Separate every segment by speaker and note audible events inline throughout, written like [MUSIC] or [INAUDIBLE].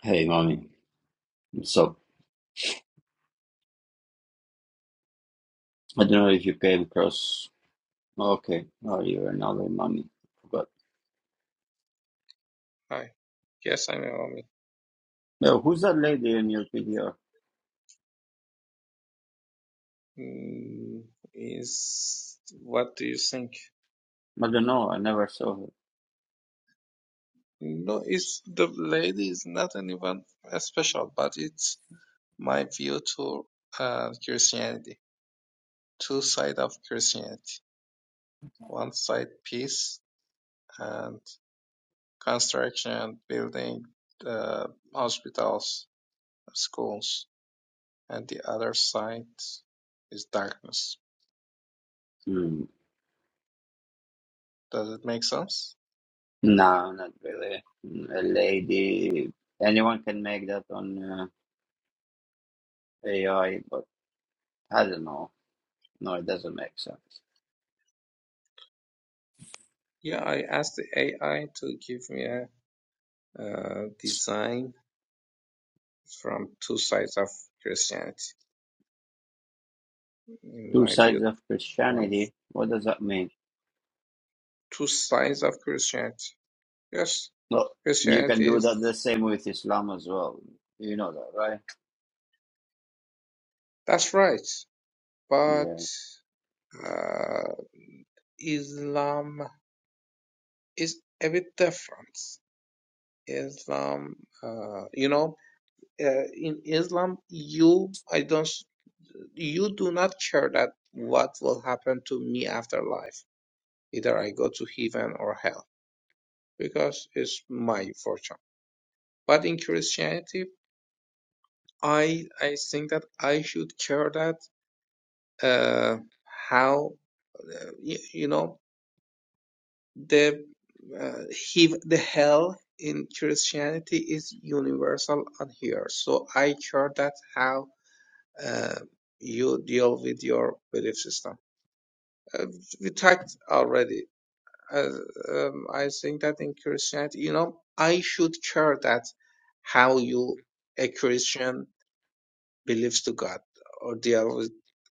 Speaker 1: Hey, mommy. So I don't know if you came across. oh, Okay, oh, you're another mommy. But
Speaker 2: Hi. Yes, I'm Naomi.
Speaker 1: no, who's that lady in your video?
Speaker 2: Mm, is what do you think?
Speaker 1: I don't know. I never saw her.
Speaker 2: No, it's the lady is not anyone special, but it's my view to uh, Christianity. Two side of Christianity. One side peace and construction, building, uh, hospitals, schools, and the other side is darkness.
Speaker 1: Mm.
Speaker 2: Does it make sense?
Speaker 1: No, not really. Mm, A lady. Anyone can make that on uh, AI, but I don't know. No, it doesn't make sense.
Speaker 2: Yeah, I asked the AI to give me a uh, design from two sides of Christianity. In
Speaker 1: Two
Speaker 2: my
Speaker 1: sides
Speaker 2: view,
Speaker 1: of
Speaker 2: one
Speaker 1: Christianity. What does that mean?
Speaker 2: two sides of Christianity. Yes,
Speaker 1: Well, you can
Speaker 2: Christianity
Speaker 1: do
Speaker 2: is
Speaker 1: that the same with Islam as well. You know that, right?
Speaker 2: that's right, but
Speaker 1: Yeah.
Speaker 2: uh, Islam is a bit different. Islam, uh, you know, uh, in Islam, you I don't you do not care that what will happen to me after life. Either I go to heaven or hell because it's my fortune. But in Christianity, I I think that I should care that uh, how uh, you, you know the uh, he, the hell in Christianity is universal on here. So I care that how uh, you deal with your belief system. Uh, we talked already. Uh, um, I think that in Christianity, you know, I should care that how you a Christian believes to God or deal with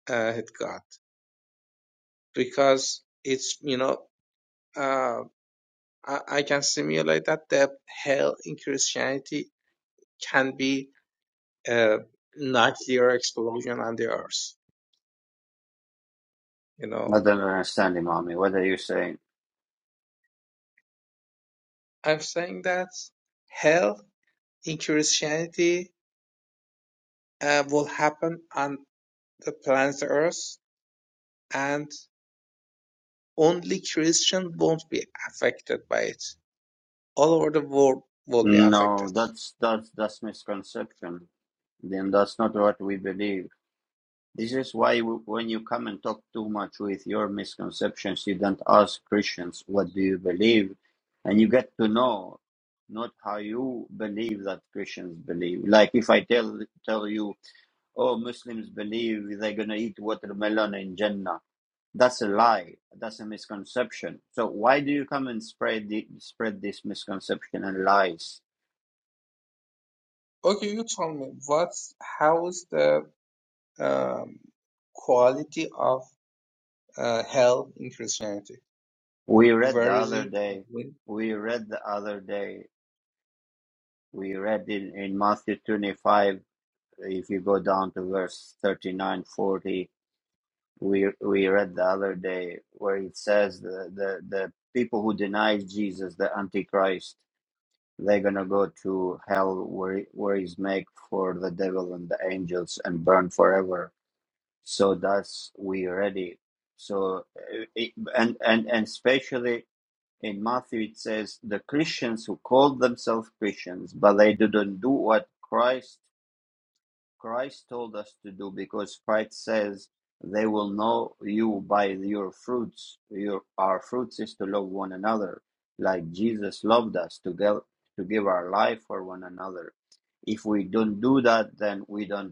Speaker 2: uh, with God because it's you know uh, I, I can simulate that the hell in Christianity can be a nuclear explosion on the earth. You
Speaker 1: I
Speaker 2: know,
Speaker 1: don't understand it, mommy. What are you saying?
Speaker 2: I'm saying that hell in Christianity uh, will happen on the planet Earth and only Christian won't be affected by it. All over the world will be
Speaker 1: No,
Speaker 2: affected
Speaker 1: that's that's that's misconception. Then that's not what we believe. This is why w- when you come and talk too much with your misconceptions, you don't ask Christians what do you believe, and you get to know not how you believe that Christians believe. Like if I tell tell you, oh, Muslims believe they're gonna eat watermelon in Jannah. That's a lie. That's a misconception. So why do you come and spread the, spread this misconception and lies?
Speaker 2: Okay, you tell me what's how's the um, quality of uh, hell in Christianity?
Speaker 1: We read the
Speaker 2: Where is
Speaker 1: other
Speaker 2: it?
Speaker 1: day.
Speaker 2: When?
Speaker 1: We read the other day. We read in, in Matthew 25, if you go down to verse 39 40, we, we read the other day where it says the, the, the people who deny Jesus, the Antichrist, they're going to go to hell where, where he's made for the devil and the angels and burn forever. So that's we read it. So, uh, it, and, and, and especially In Matthew, it says, the Christians who call themselves Christians, but they didn't do what Christ Christ told us to do, because Christ says they will know you by your fruits. Your our fruits is to love one another, like Jesus loved us to give to give our life for one another. If we don't do that, then we don't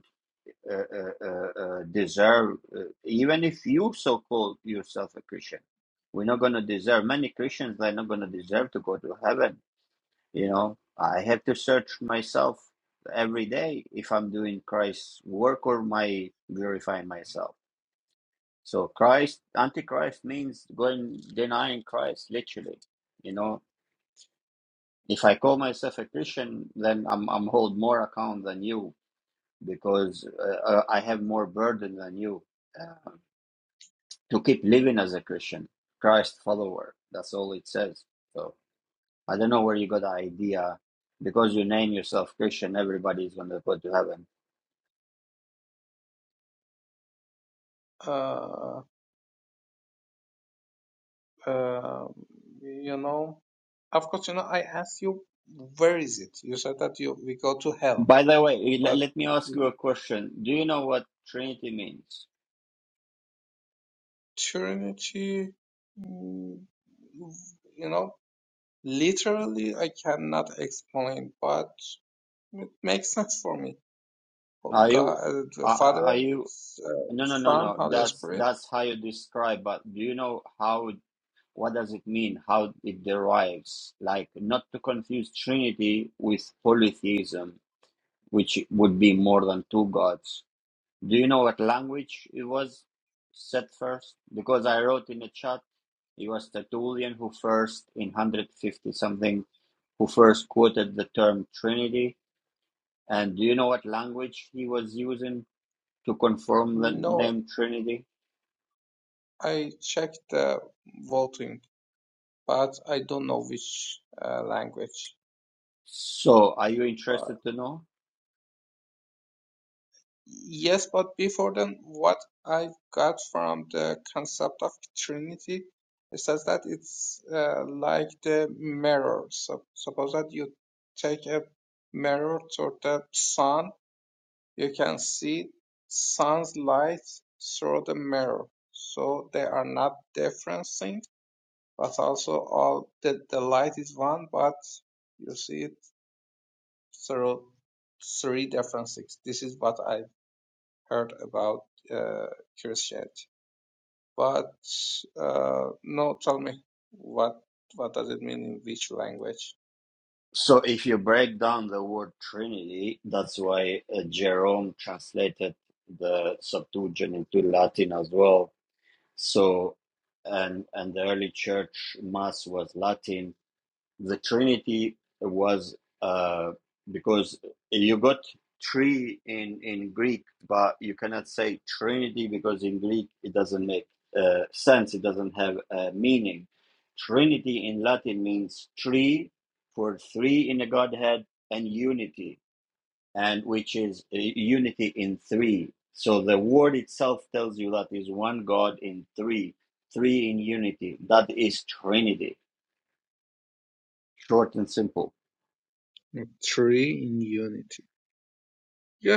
Speaker 1: uh, uh, uh, uh, deserve, uh, even if you so call yourself a Christian, we're not going to deserve. Many Christians they're not going to deserve to go to heaven. You know, I have to search myself every day if I'm doing Christ's work or my glorifying myself. So Christ, antichrist means going denying Christ literally. You know, if I call myself a Christian, then I'm I'm hold more account than you because uh, uh, I have more burden than you uh, to keep living as a Christian, Christ follower. That's all it says. So I don't know where you got the idea because you name yourself Christian, everybody's going to go to heaven.
Speaker 2: Uh, Um, you know, of course, you know, I asked you, where is it? You said that you we go to hell,
Speaker 1: By the way,
Speaker 2: but
Speaker 1: let, me ask you a question. Do you know what Trinity means?
Speaker 2: eternity, mm, you know, literally, I cannot explain, but it makes sense for me. Oh,
Speaker 1: Are
Speaker 2: God,
Speaker 1: you,
Speaker 2: uh, the
Speaker 1: are,
Speaker 2: Father,
Speaker 1: are you,
Speaker 2: S- uh,
Speaker 1: no, no, no,
Speaker 2: Son,
Speaker 1: no.
Speaker 2: Holy
Speaker 1: That's,
Speaker 2: Spirit.
Speaker 1: that's how you describe, but do you know how, what does it mean? How it derives? Like not to confuse Trinity with polytheism, which would be more than two gods Do you know what language it was set first? Because I wrote in the chat, it was Tertullian who first, in 150 something, who first quoted the term Trinity. And do you know what language he was using to confirm the
Speaker 2: No,
Speaker 1: name Trinity?
Speaker 2: I checked the voting, but I don't know which uh, language.
Speaker 1: So, are you interested to know?
Speaker 2: Yes, but before then, what I got from the concept of Trinity is says that it's uh, like the mirror. So suppose that you take a mirror to the sun, you can see sun's light through the mirror. So they are not different things, but also all the, the light is one, but you see it through three different things. This is what I heard about uh, Christianity. But uh, no, tell me what what does it mean in which language?
Speaker 1: So, if you break down the word Trinity, that's why uh, Jerome translated the Septuagint into Latin as well So, and and the early church mass was Latin. The Trinity was uh, because you got three in in Greek, but you cannot say Trinity because in Greek it doesn't make uh, sense. It doesn't have a meaning. Trinity in Latin means three for three in the Godhead and unity and which is uh, unity in three. So the word itself tells you that is one God in three, three in unity. That is Trinity, short and simple.
Speaker 2: Three in unity.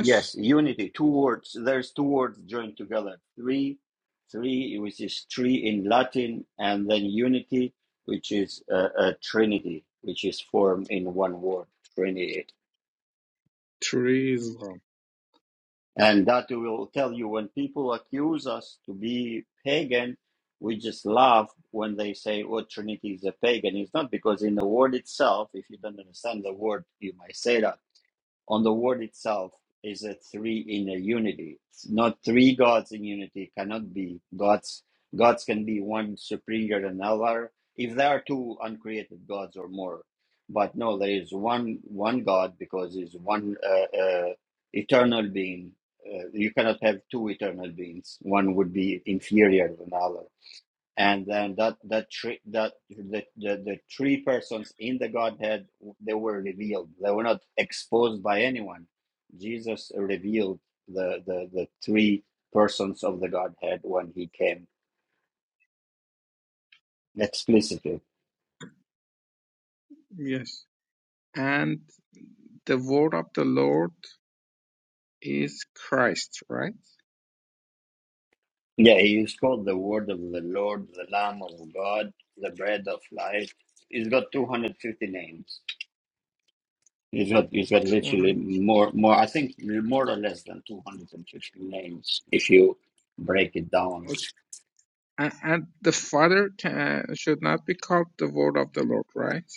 Speaker 1: Yes, unity, two words. There's two words joined together. Three, three, which is three in Latin, and then unity, which is uh, a Trinity, which is formed in one word, Trinity.
Speaker 2: three is one.
Speaker 1: And that will tell you when people accuse us to be pagan, we just laugh when they say, oh, Trinity is a pagan. It's not because in the word itself, if you don't understand the word, you might say that on the word itself is a three in a unity. It's not three gods in unity cannot be gods. Gods can be one superior than another if there are two uncreated gods or more. But no, there is one one God because he's one uh, uh, eternal being. Uh, you cannot have two eternal beings. One would be inferior than another and then that that three that the, the the three persons in the godhead they were revealed they were not exposed by anyone jesus revealed the the, the three persons of the godhead when he came explicitly
Speaker 2: Yes. And the word of the Lord is Christ, right?
Speaker 1: yeah he is called the word of the lord the lamb of god the bread of life he's got 250 names he's got he's got
Speaker 2: Two
Speaker 1: literally more more i think more or less than 250 names if you break it down
Speaker 2: hundred. okay. And and the Father can, should not be called the word of the Lord, right?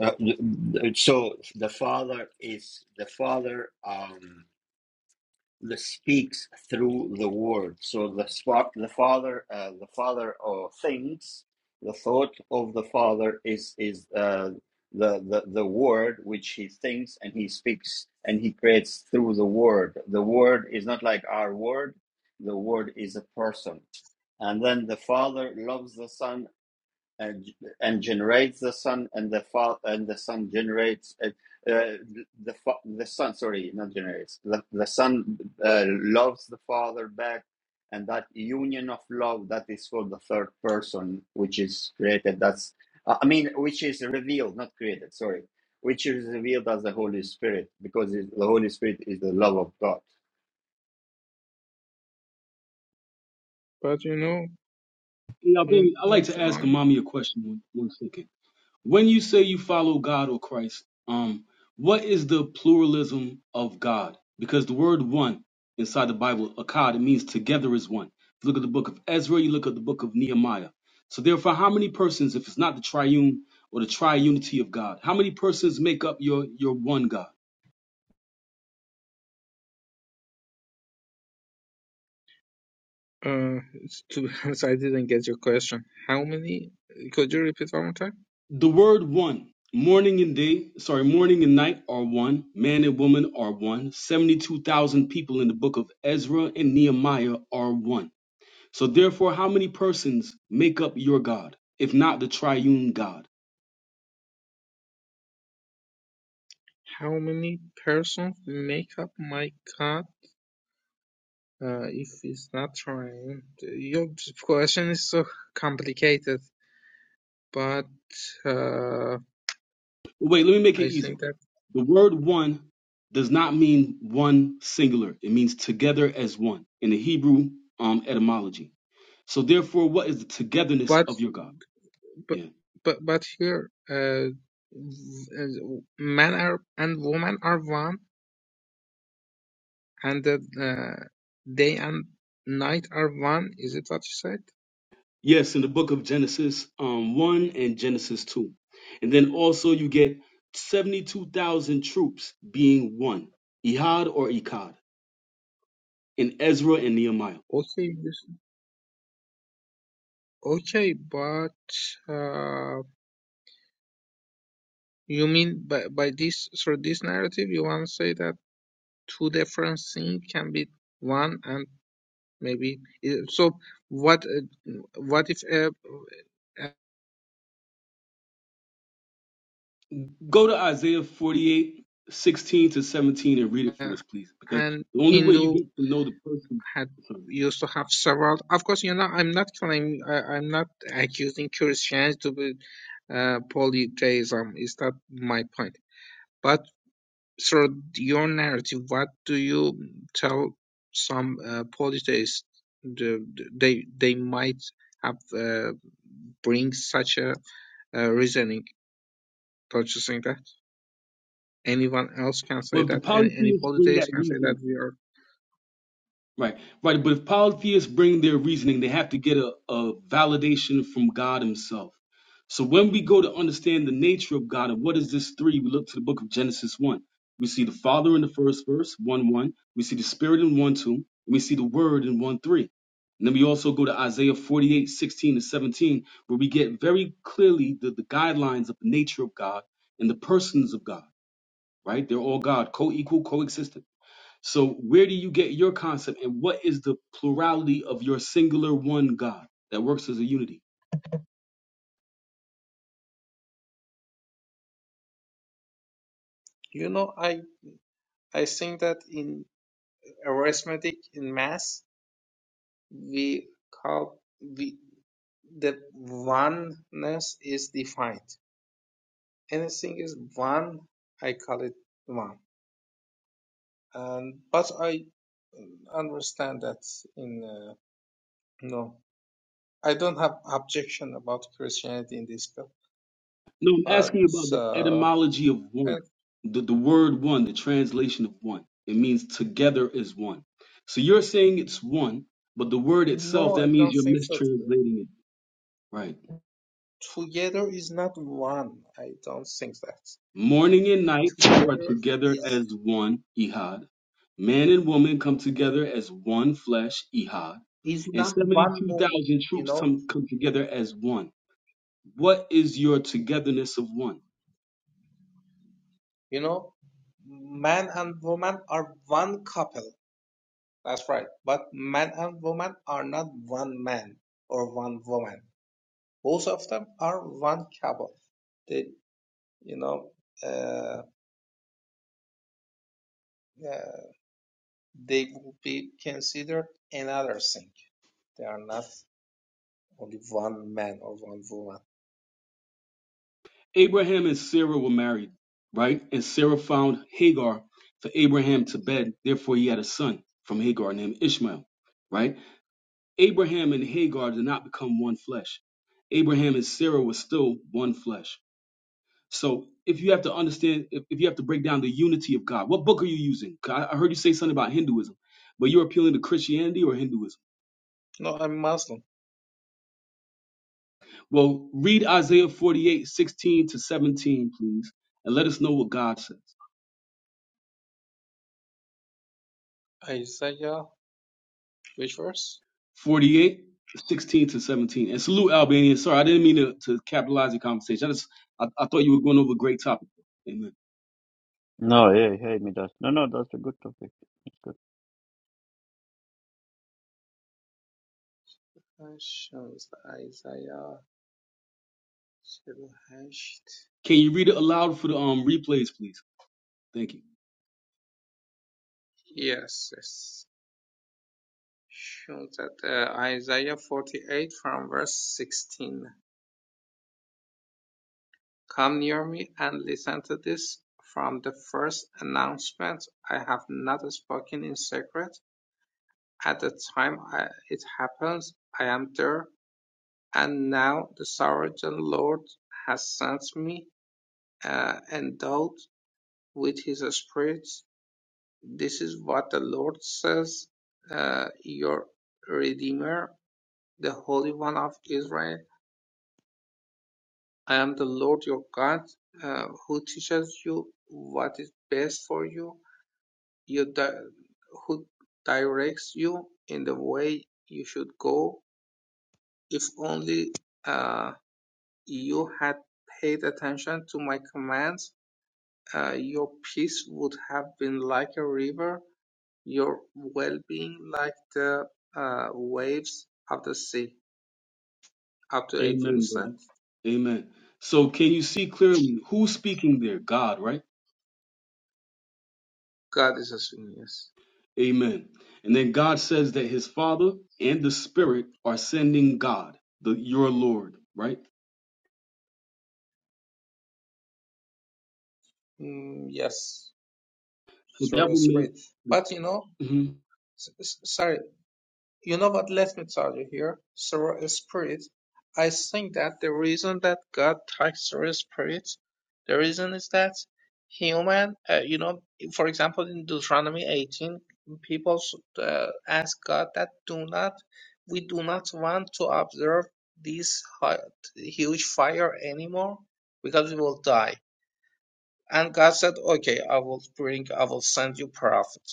Speaker 1: Uh, th- th- so the father is the father um the speaks through the word so the spa- the father uh, the father uh, thinks the thought of the father is is uh, the, the the word which he thinks and he speaks and he creates through the word the word is not like our word the word is a person and then the father loves the son and and generates the sun and the fa- and the sun generates uh, uh, the fa- the sun sorry not generates the, the son uh, loves the father back and that union of love that is for the third person which is created that's uh, i mean which is revealed not created sorry which is revealed as the holy spirit because it, the holy spirit is the love of god
Speaker 2: But you know,
Speaker 3: Yeah,
Speaker 2: in
Speaker 3: Billy, I like to ask
Speaker 2: Islam.
Speaker 3: mommy a question one, one second. When you say you follow God or Christ, um, what is the pluralism of God? Because the word one inside the Bible, akkad, it means together is one. If you look at the book of Ezra, you look at the book of Nehemiah. So therefore, how many persons, if it's not the triune or the triunity of God, how many persons make up your your one God?
Speaker 2: Uh, it's- to be [LAUGHS] honest, I didn't get your question. How many? Could you repeat one more time?
Speaker 3: The word one, morning and day, sorry, morning and night are one, man and woman are one, 72,000 people in the book of Ezra and Nehemiah are one. So, therefore, how many persons make up your God, if not the triune God?
Speaker 2: How many persons make up my God? Uh, if it's not trying, your question is so complicated, but uh,
Speaker 3: Wait, let me make it
Speaker 2: I
Speaker 3: easy.
Speaker 2: think that.
Speaker 3: The word one does not mean one singular, it means together as one in the Hebrew um, etymology. So, therefore, what is the togetherness
Speaker 2: But
Speaker 3: of your God?
Speaker 2: but
Speaker 3: Yeah.
Speaker 2: but but here uh, as w- men are and women are one and the uh, day and night are one is it what you said
Speaker 3: Yes, in the book of Genesis um, 1 and Genesis 2. And then also you get 72,000 troops being one, Ehad or Ekad, in Ezra and Nehemiah.
Speaker 2: okay this, okay but uh, you mean by, by this through this narrative you want to say that two different things can be one and maybe eh, so what uh, what if a
Speaker 3: Go to Isaiah forty-eight sixteen to 17 and read it
Speaker 2: uh,
Speaker 3: for us, please, because
Speaker 2: and
Speaker 3: the only way you
Speaker 2: hindu
Speaker 3: get to know the person.
Speaker 2: had used to have several of course you know i'm not claiming I, i'm not accusing christianity to be uh, polytheism is that my point but through your narrative what do you tell some uh, polytheists the, the- they they might have uh, bring such a uh, reasoning purchasing that. Anyone else can
Speaker 3: Well,
Speaker 2: say
Speaker 3: if the
Speaker 2: that. Any, any
Speaker 3: Polytheists bring that
Speaker 2: politics can say that
Speaker 3: reason.
Speaker 2: we are.
Speaker 3: Right, right. But if polytheists bring their reasoning, they have to get a, a validation from God Himself. So when we go to understand the nature of God and what is this three, we look to the book of Genesis 1. We see the Father in the first verse, 1 1. We see the Spirit in 1 2. And we see the Word in 1 3. And then we also go to Isaiah 48 16 to 17, where we get very clearly the, the guidelines of the nature of God and the persons of God, right? They're all God, co equal, coexistent. So where do you get your concept and what is the plurality of your singular one God that works as a unity?
Speaker 2: You know, I I think that in arithmetic in math we call we the oneness is defined. Anything is one, I call it one. And but I understand that in uh, no, I don't have objection about Christianity in this, but
Speaker 3: No, I'm asking about the
Speaker 2: uh,
Speaker 3: etymology of
Speaker 2: I
Speaker 3: one. The, the word one, the translation of one. It means together is one. So you're saying it's one, but the word itself,
Speaker 2: No,
Speaker 3: that
Speaker 2: I
Speaker 3: means
Speaker 2: don't
Speaker 3: you're
Speaker 2: think so. Today.
Speaker 3: mistranslating it. Right.
Speaker 2: Together is not one. I don't think that.
Speaker 3: Morning and night are
Speaker 2: Together
Speaker 3: together
Speaker 2: is
Speaker 3: as one, Ihad. Man and woman come together as one flesh, Ihad.
Speaker 2: is
Speaker 3: And
Speaker 2: not one morning.
Speaker 3: 72,000
Speaker 2: You
Speaker 3: troops
Speaker 2: know,
Speaker 3: come, come together as one. What is your togetherness of one?
Speaker 2: you know, man and woman are one couple. That's right. But man and woman are not one man or one woman. Both of them are one couple. They, you know, uh, uh, they will be considered another thing. They are not only one man or one woman.
Speaker 3: Abraham and Sarah were married, right? And Sarah found Hagar for Abraham to bed. Therefore, he had a son from Hagar named Ishmael, right? Abraham and Hagar did not become one flesh. Abraham and Sarah were still one flesh. So, if you have to understand, if, if you have to break down the unity of God, what book are you using? 'Cause I I heard you say something about Hinduism, but you're appealing to Christianity or Hinduism?
Speaker 2: No, I'm Muslim.
Speaker 3: Well, read Isaiah 48:16 to 17, please, and let us know what God says.
Speaker 2: Isaiah, which verse?
Speaker 3: 48:16 to 17. And salute Albania. Sorry, I didn't mean to, to capitalize your conversation. I just I, I thought you were going over a great topic. Amen.
Speaker 1: No, yeah, hey, me that. No, no, that's a good topic. It's good.
Speaker 2: Uh, shows Isaiah 78.
Speaker 3: Can you read it aloud for the um replays, please? Thank you.
Speaker 2: Yes, yes. Shows that uh, Isaiah 48 from verse 16. Come near me and listen to this from the first announcement. I have not spoken in secret. At the time I, it happens, I am there. And now the sovereign Lord has sent me uh, endowed with his spirits. This is what the Lord says, uh, your Redeemer, the Holy One of Israel. I am the Lord your God, uh, who teaches you what is best for you, you di- who directs you in the way you should go. If only uh, you had paid attention to my commands, uh, your peace would have been like a river your well-being like the uh, waves of the sea. Up to 18,
Speaker 3: Amen,
Speaker 2: is that?
Speaker 3: brother. Amen. So can you see clearly who's speaking there? God, right?
Speaker 2: God is assuming yes.
Speaker 3: Amen. And then God says that his Father and the Spirit are sending God, the your Lord, right?
Speaker 2: Mm, yes,
Speaker 3: The
Speaker 2: through a
Speaker 3: devil made.
Speaker 2: spirit.
Speaker 3: make.
Speaker 2: But you know,
Speaker 3: hmm
Speaker 2: s- s- sorry, You know what Let me tell you here? Sorrow spirit. I think that the reason that God takes sorrow spirit, the reason is that human, uh, you know, for example, in Deuteronomy 18, people uh, ask God that do not, we do not want to observe this hot, huge fire anymore because we will die. And God said, okay, I will bring, I will send you prophets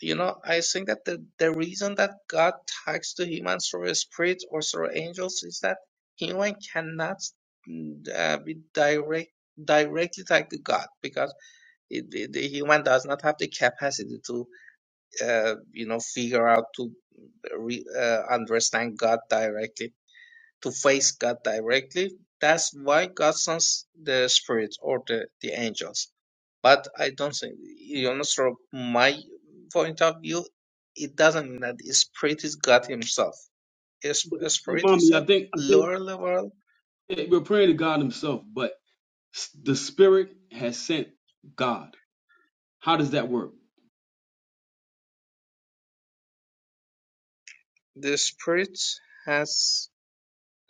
Speaker 2: you know, I think that the, the reason that God talks to humans through spirits or through angels is that human cannot mm, uh, be direct directly talk to God because it, the the human does not have the capacity to, uh, you know, figure out to re, uh, understand God directly, to face God directly. That's why God sends the spirits or the, the angels but I don't think, you know, from my point of view, it doesn't mean that spirit is God Himself. Is-
Speaker 3: But see,
Speaker 2: spirit is
Speaker 3: mommy,
Speaker 2: a
Speaker 3: I think I think
Speaker 2: lower level.
Speaker 3: that we're praying to God Himself, but s- the Spirit has sent God. How does that work?
Speaker 2: The spirit has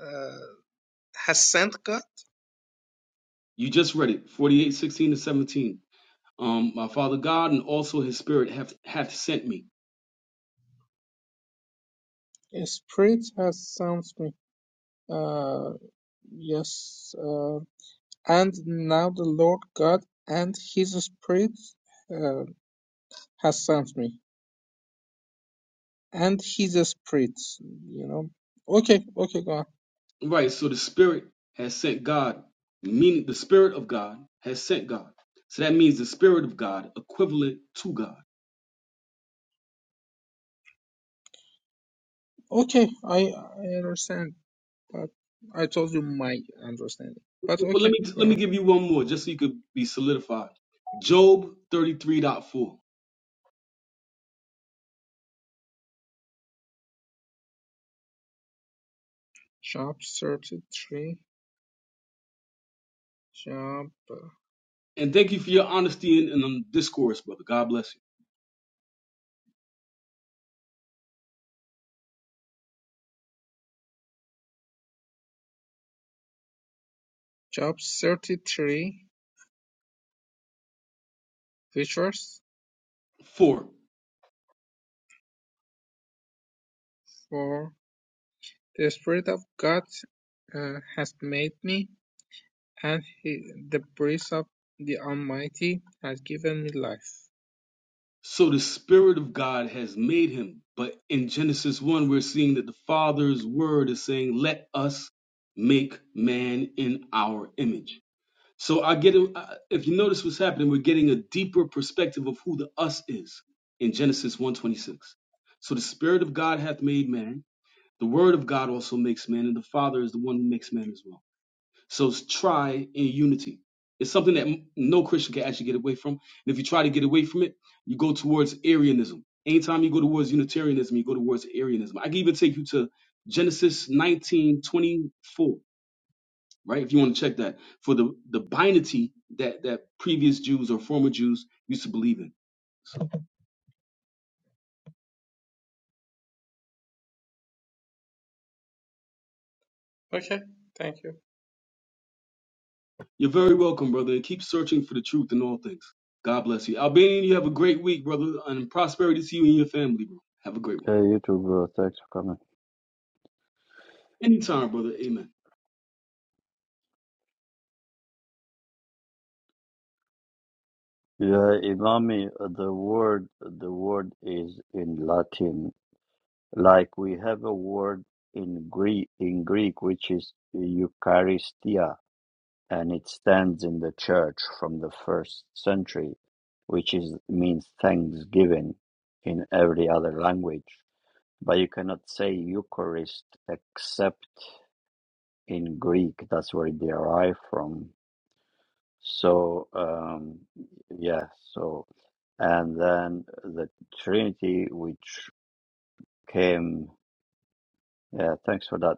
Speaker 2: uh, has sent God.
Speaker 3: You just read it, forty-eight, sixteen to seventeen. Um, my Father God and also His Spirit have hath sent me.
Speaker 2: spirit has sent me. Uh, yes, uh, and now the Lord God and His spirit uh, has sent me, and His spirit. You know. Okay, okay, go on.
Speaker 3: Right. So the Spirit has sent God, meaning the Spirit of God has sent God. So that means the Spirit of God equivalent to God.
Speaker 2: Okay, I I understand. But I told you my understanding. But
Speaker 3: But let
Speaker 2: okay,
Speaker 3: me
Speaker 2: go
Speaker 3: let me
Speaker 2: on.
Speaker 3: give you one more, just so you could be solidified. Job thirty-three point four.
Speaker 2: Job 33. Job,
Speaker 3: And thank you for your honesty and, and um, discourse, brother. God bless
Speaker 2: job 33 features
Speaker 3: you. Four.
Speaker 2: for the Spirit of God uh, has made me, and he, the breath of the Almighty has given me life.
Speaker 3: So the Spirit of God has made him. But in Genesis 1, we're seeing that the Father's word is saying, let us make man in our image. So I get it. I- If you notice what's happening, we're getting a deeper perspective of who the us is in Genesis one twenty-six. So the Spirit of God hath made man. The Word of God also makes man, and the Father is the one who makes man as well. So s- try in unity. It's something that m- no Christian can actually get away from. And if you try to get away from it, you go towards Arianism. Anytime you go towards Unitarianism, you go towards Arianism. I can even take you to Genesis 19:24, right? If you want to check that for the, the binity that, that previous Jews or former Jews used to believe in. So
Speaker 2: Okay, thank you.
Speaker 3: you're very welcome, brother. And keep searching for the truth in all things. God bless you. Albanian, you have a great week, brother, and prosperity to you and your family, bro. Have a great one.
Speaker 1: Hey, YouTube, bro. Thanks for coming.
Speaker 3: Anytime, brother. Amen.
Speaker 1: Yeah, Imami, uh, the word the word is in Latin. Like we have a word in Greek in Greek which is Eucharistia, and it stands in the church from the first century, which is means thanksgiving in every other language. But you cannot say Eucharist except in Greek. That's where it derived from. So um, yeah, so and then the Trinity, which came, yeah, thanks for that.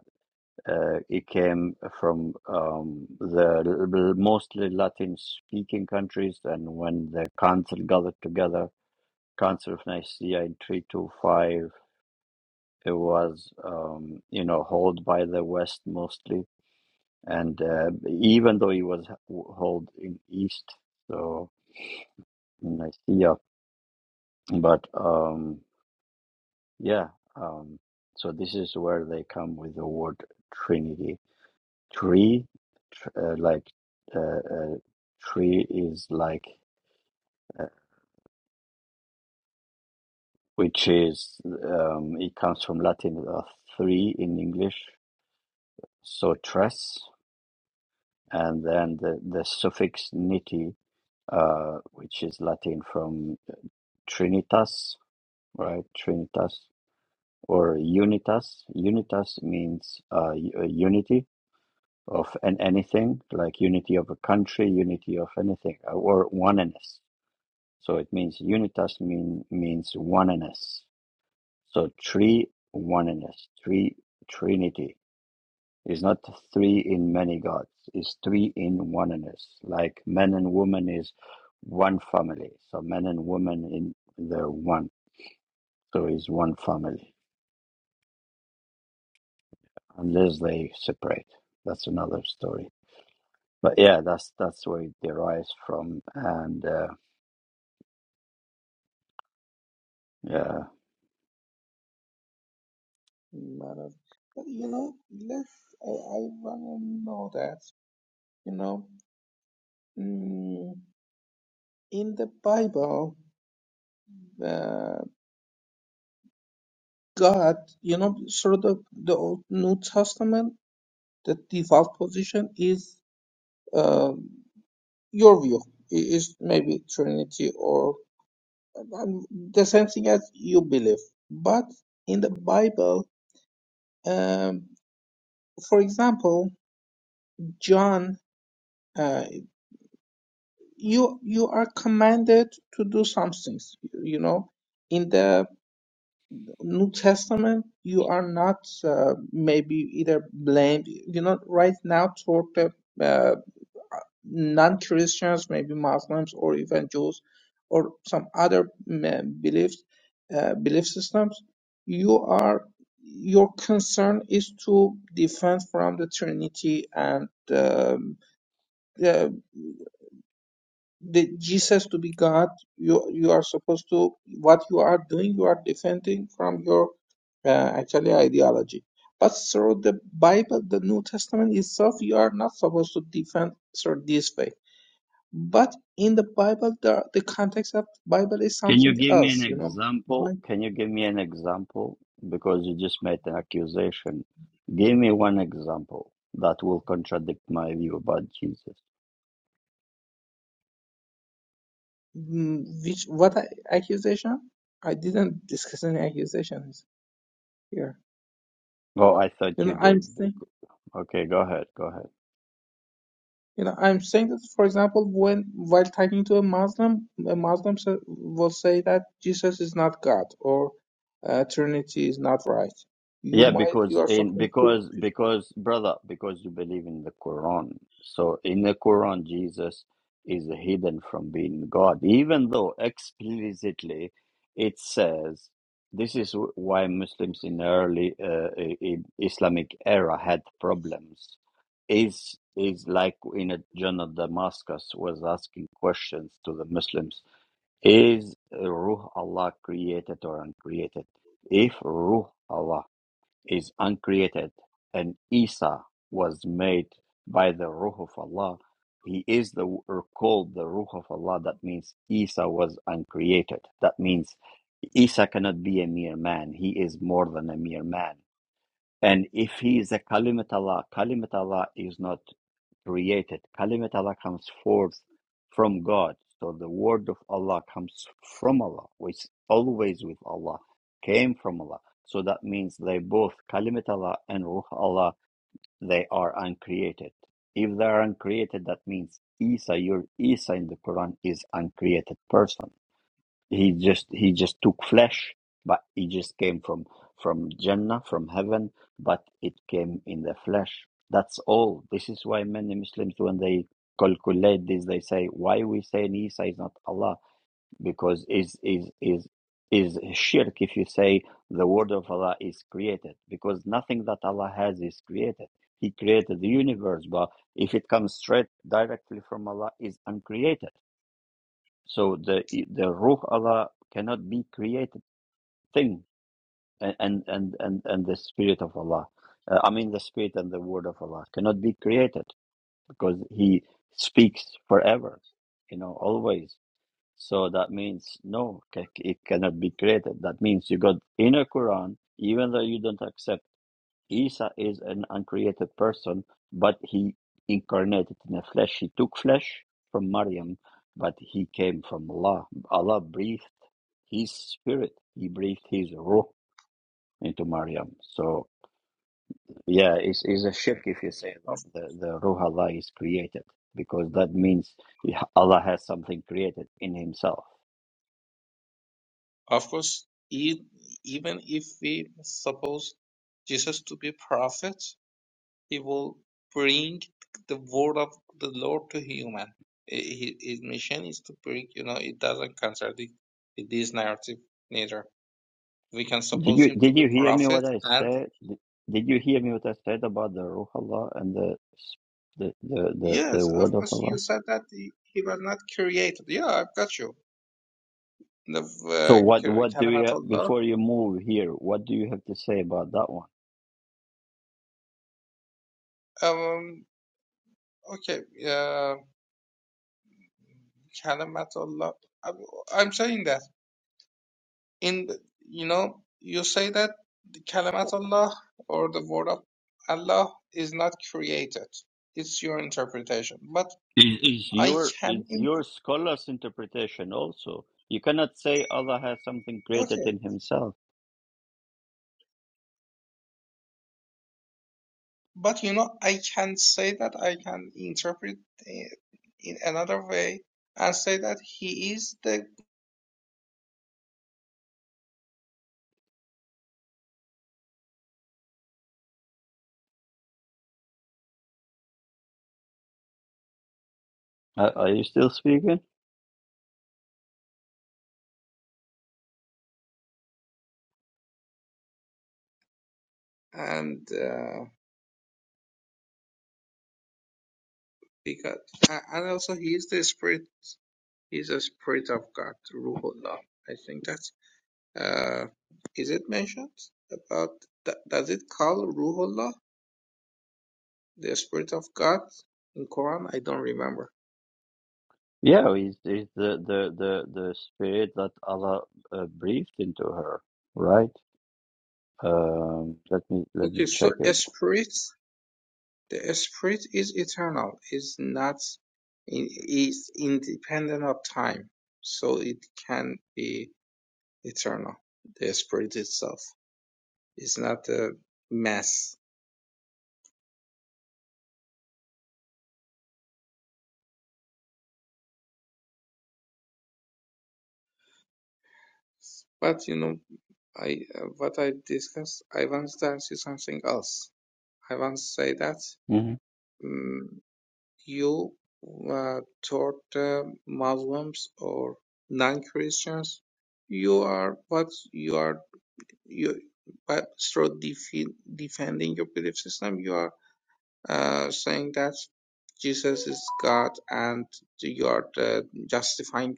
Speaker 1: Uh, it came from um, the l- l- mostly Latin-speaking countries, and when the council gathered together, Council of Nicaea in three two five, it was um, you know held by the West mostly, and uh, even though it was h- held in East, so in Nicaea But um, yeah, um, so this is where they come with the word Trinity. Tree, tr uh, like uh, uh, tree is like, uh, which is um, it comes from Latin uh, three in English, so tres, and then the, the suffix niti, uh, which is Latin from trinitas, right? Trinitas or unitas. Unitas means uh, u- unity of an anything, like unity of a country, unity of anything, uh, or oneness. So it means unitas mean means oneness. So three oneness, three trinity is not three in many gods, it's three in oneness. Like man and woman is one family. So man and woman in they're one. So is one family. Unless they separate. That's another story. But yeah, that's that's where it derives from and uh, Yeah.
Speaker 2: Madam. But you know, let's, I, I want to know that, you know, mm, in the Bible, uh, God, you know, sort of the, the Old New Testament, the default position is uh, your view i- is maybe Trinity or um, the same thing as you believe. But in the Bible, um, for example, John, uh, you you are commanded to do some things. You know, in the New Testament, you are not uh, maybe either blamed. You know, right now toward the uh, non-Christians, maybe Muslims or even Jews or some other mm, beliefs, uh, belief systems, you are your concern is to defend from the Trinity and um, the, the Jesus to be God. You you are supposed to what you are doing. You are defending from your uh, actually ideology. But through the Bible, the New Testament itself, you are not supposed to defend through this way but in the Bible, the, the context of Bible is
Speaker 1: Can you
Speaker 2: something
Speaker 1: give me an
Speaker 2: else, you know.
Speaker 1: example?
Speaker 2: But
Speaker 1: Can you give me an example? Because you just made an accusation. Give me one example that will contradict my view about Jesus.
Speaker 2: mm, which what I, accusation? I didn't discuss any accusations here.
Speaker 1: Oh, I thought
Speaker 2: You
Speaker 1: you
Speaker 2: know, I'm
Speaker 1: did.
Speaker 2: saying,
Speaker 1: bec- Okay, go ahead. Go ahead.
Speaker 2: you know, I'm saying that, for example, when while talking to a Muslim, a Muslim sa- will say that Jesus is not God or uh, Trinity is not right. You
Speaker 1: Yeah,
Speaker 2: might, you
Speaker 1: because
Speaker 2: are
Speaker 1: in
Speaker 2: supposed to.
Speaker 1: because because brother, because you believe in the Quran. So in the Quran, Jesus is hidden from being God, even though explicitly it says this is wh- why Muslims in early uh, i- in Islamic era had problems. Is is like in a John of Damascus was asking questions to the Muslims: Is Ruh Allah created or uncreated? If Ruh Allah is uncreated and Isa was made by the Ruh of Allah. He is the or called the Ruh of Allah. That means Isa was uncreated. That means Isa cannot be a mere man. He is more than a mere man. And if he is a Kalimat Allah, Kalimat Allah is not created. Kalimat Allah comes forth from God. So the word of Allah comes from Allah, which always with Allah, came from Allah. So that means they both, Kalimat Allah and Ruh Allah, they are uncreated. If they are uncreated, that means Isa, your Isa in the Quran is uncreated person. He just he just took flesh, but he just came from from Jannah, from heaven, but it came in the flesh. That's all. This is why many Muslims, when they calculate this, they say, "Why we say Isa is not Allah?" Because is is is is shirk if you say the word of Allah is created, because nothing that Allah has is created. He created the universe, but if it comes straight directly from Allah, is uncreated so the the Ruh Allah cannot be created thing, and and and and, and the Spirit of Allah, uh, I mean the Spirit and the Word of Allah cannot be created because He speaks forever, you know, always. So that means no, ca- it cannot be created. That means you got inner Quran, even though you don't accept Isa is an uncreated person, but he incarnated in a flesh. He took flesh from Maryam, but he came from Allah. Allah breathed his spirit. He breathed his ruh into Maryam. So yeah, it's, it's a shirk if you say
Speaker 2: Of
Speaker 1: that the, the ruh Allah is created because that means Allah has something created in himself.
Speaker 2: Of course, e- even if we suppose Jesus to be prophet, he will bring the word of the Lord to human. I- hi- His mission is to bring, you know, it doesn't contradict with this narrative neither. We can
Speaker 1: Did
Speaker 2: suppose
Speaker 1: you
Speaker 2: him to
Speaker 1: did
Speaker 2: be
Speaker 1: you hear me
Speaker 2: prophet,
Speaker 1: what I
Speaker 2: and
Speaker 1: said? Did did you hear me what I said about the Ruh Allah and the s- the the the, the
Speaker 2: yes, of
Speaker 1: word of
Speaker 2: course, you
Speaker 1: Allah?
Speaker 2: said that he, he was not created. Yeah, I've got you. The
Speaker 1: So
Speaker 2: uh,
Speaker 1: what
Speaker 2: cur-
Speaker 1: what do you
Speaker 2: Kalimatullah.
Speaker 1: before you move here? What do you have to say about that one?
Speaker 2: Um, okay, uh, Kalimatullah. I'm I'm saying that. in you know you say that the kalimat Allah or the word of Allah is not created it's your interpretation but
Speaker 1: Is is
Speaker 2: I
Speaker 1: your
Speaker 2: can
Speaker 1: is
Speaker 2: in-
Speaker 1: your scholar's interpretation also? You cannot say Allah has something greater
Speaker 2: okay
Speaker 1: than Himself.
Speaker 2: but you know I can say that I can interpret it in another way and say that he is the
Speaker 1: Are, are you still speaking?
Speaker 2: and uh, because uh, and also he is the spirit He's a spirit of God Ruhullah I think that's. Uh, is it mentioned about th- does it call Ruhullah, the spirit of God, in Quran? I don't remember.
Speaker 1: Yeah, is is the the the the spirit that Allah uh, breathed into her, right? Um, let me let me
Speaker 2: Okay, so
Speaker 1: check
Speaker 2: a
Speaker 1: it.
Speaker 2: spirit, the spirit is eternal, is not, in, is independent of time, so it can be eternal. The spirit itself is not a mass. But you know, I uh, what I discussed, I want to say something else. I want to say that.
Speaker 1: Mhm.
Speaker 2: mm, you uh, taught uh, Muslims or non-Christians, you are what you are you by through defe defending your belief system, you are uh, saying that Jesus is God and you are uh, justifying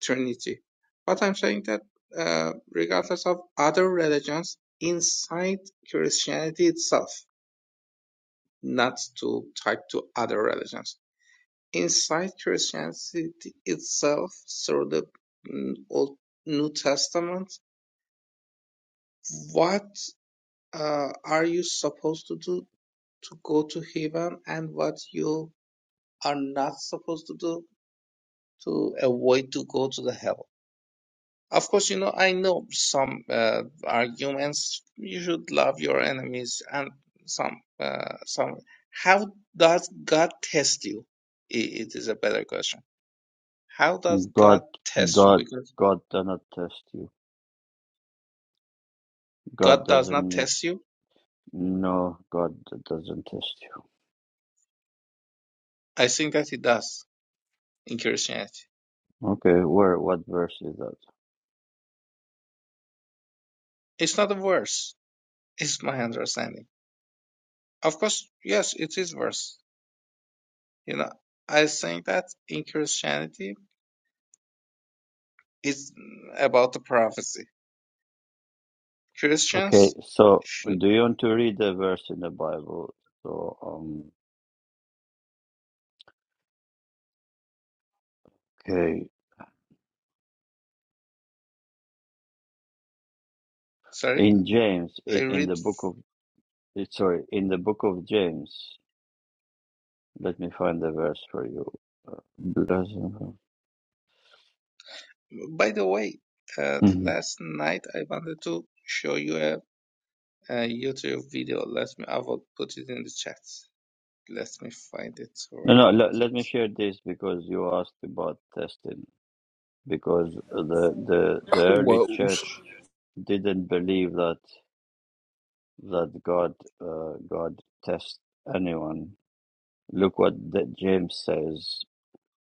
Speaker 2: Trinity. But I'm saying that uh, regardless of other religions, inside Christianity itself, not to type to other religions Inside Christianity itself, through the mm, Old New Testament, what uh, are you supposed to do to go to heaven, and what you are not supposed to do to avoid to go to the hell? Of course, you know I know some uh, arguments. You should love your enemies, and some uh, some. How does God test you? I- It is a better question. How does
Speaker 1: God,
Speaker 2: God test you?
Speaker 1: God,
Speaker 2: Because
Speaker 1: God cannot test you. God
Speaker 2: God does
Speaker 1: doesn't
Speaker 2: not
Speaker 1: need.
Speaker 2: test you?
Speaker 1: No, God doesn't test you.
Speaker 2: I think that He does in Christianity.
Speaker 1: Okay, where? What verse is that?
Speaker 2: It's not worse, is my understanding. Of course, yes, it is worse. You know, I think that in Christianity, it's about the prophecy.
Speaker 1: Okay,
Speaker 2: Christians
Speaker 1: so
Speaker 2: should,
Speaker 1: do you want to read the verse in the Bible? So, um, okay,
Speaker 2: sorry,
Speaker 1: in James,
Speaker 2: I
Speaker 1: in, in
Speaker 2: read,
Speaker 1: the book of sorry, in the book of James. Let me find the verse for you. Bless- Mhm.
Speaker 2: by the way, uh,
Speaker 1: No,
Speaker 2: last night I wanted to show you a, a YouTube video. Let me, I will put it in the chat. Let me find it where I
Speaker 1: no. Let,
Speaker 2: put
Speaker 1: let me
Speaker 2: it.
Speaker 1: share this because you asked about testing. Because the the the early
Speaker 4: Whoa.
Speaker 1: church didn't believe that that God uh, God tests anyone. Look what the, James says: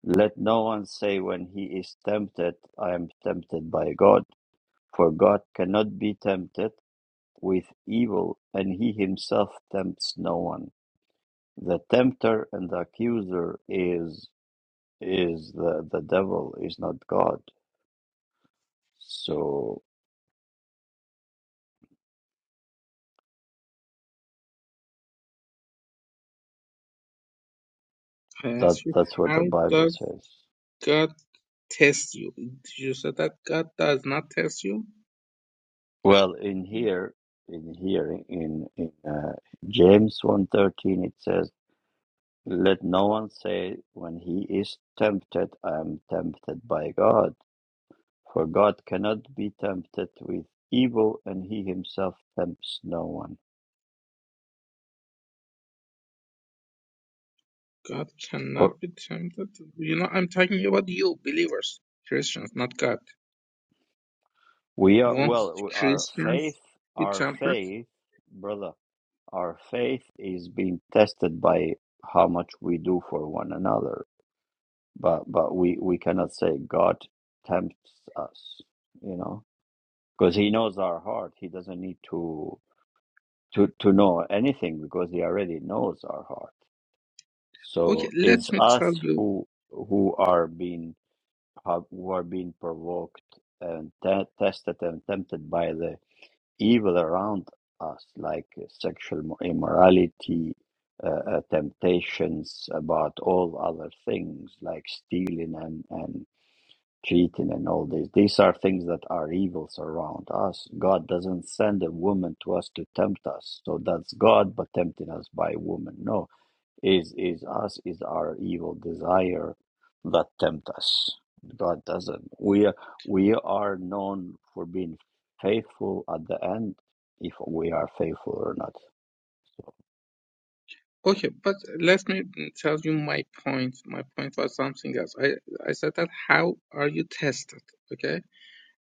Speaker 1: "Let no one say when he is tempted, I am tempted by God, for God cannot be tempted with evil, and he himself tempts no one. The tempter and the accuser is is the the devil, is not God. So
Speaker 2: I
Speaker 1: that
Speaker 2: ask you,
Speaker 1: that's what the
Speaker 2: How
Speaker 1: Bible
Speaker 2: does
Speaker 1: says."
Speaker 2: God tests you. You said that God does not test you.
Speaker 1: Well, in here, in here, in in uh, James one thirteen, it says, "Let no one say when he is tempted, I am tempted by God, for God cannot be tempted with evil, and He Himself tempts no one."
Speaker 2: God
Speaker 1: Or
Speaker 2: cannot be tempted. You know, I'm talking about you, believers, Christians, not God.
Speaker 1: we are
Speaker 2: Won't
Speaker 1: well, we- our
Speaker 2: Christians
Speaker 1: faith,
Speaker 2: be
Speaker 1: our
Speaker 2: tempted?
Speaker 1: faith, brother, our faith is being tested by how much we do for one another but but we we cannot say God tempts us, you know, because He knows our heart. He doesn't need to to to know anything because He already knows our heart.
Speaker 2: Okay,
Speaker 1: So
Speaker 2: let
Speaker 1: it's
Speaker 2: me
Speaker 1: us
Speaker 2: tell you.
Speaker 1: who who are being who are being provoked and te- tested and tempted by the evil around us, like sexual immorality. Uh, uh, temptations about all other things like stealing and, and cheating and all these. These are things that are evils around us. God doesn't send a woman to us to tempt us. So that's God, but tempting us by woman. No, is is us is our evil desire that tempt us. God doesn't. We are, we are known for being faithful at the end, if we are faithful or not. So,
Speaker 2: Okay, but let me tell you my point. My point was something else. I, I said that how are you tested? Okay,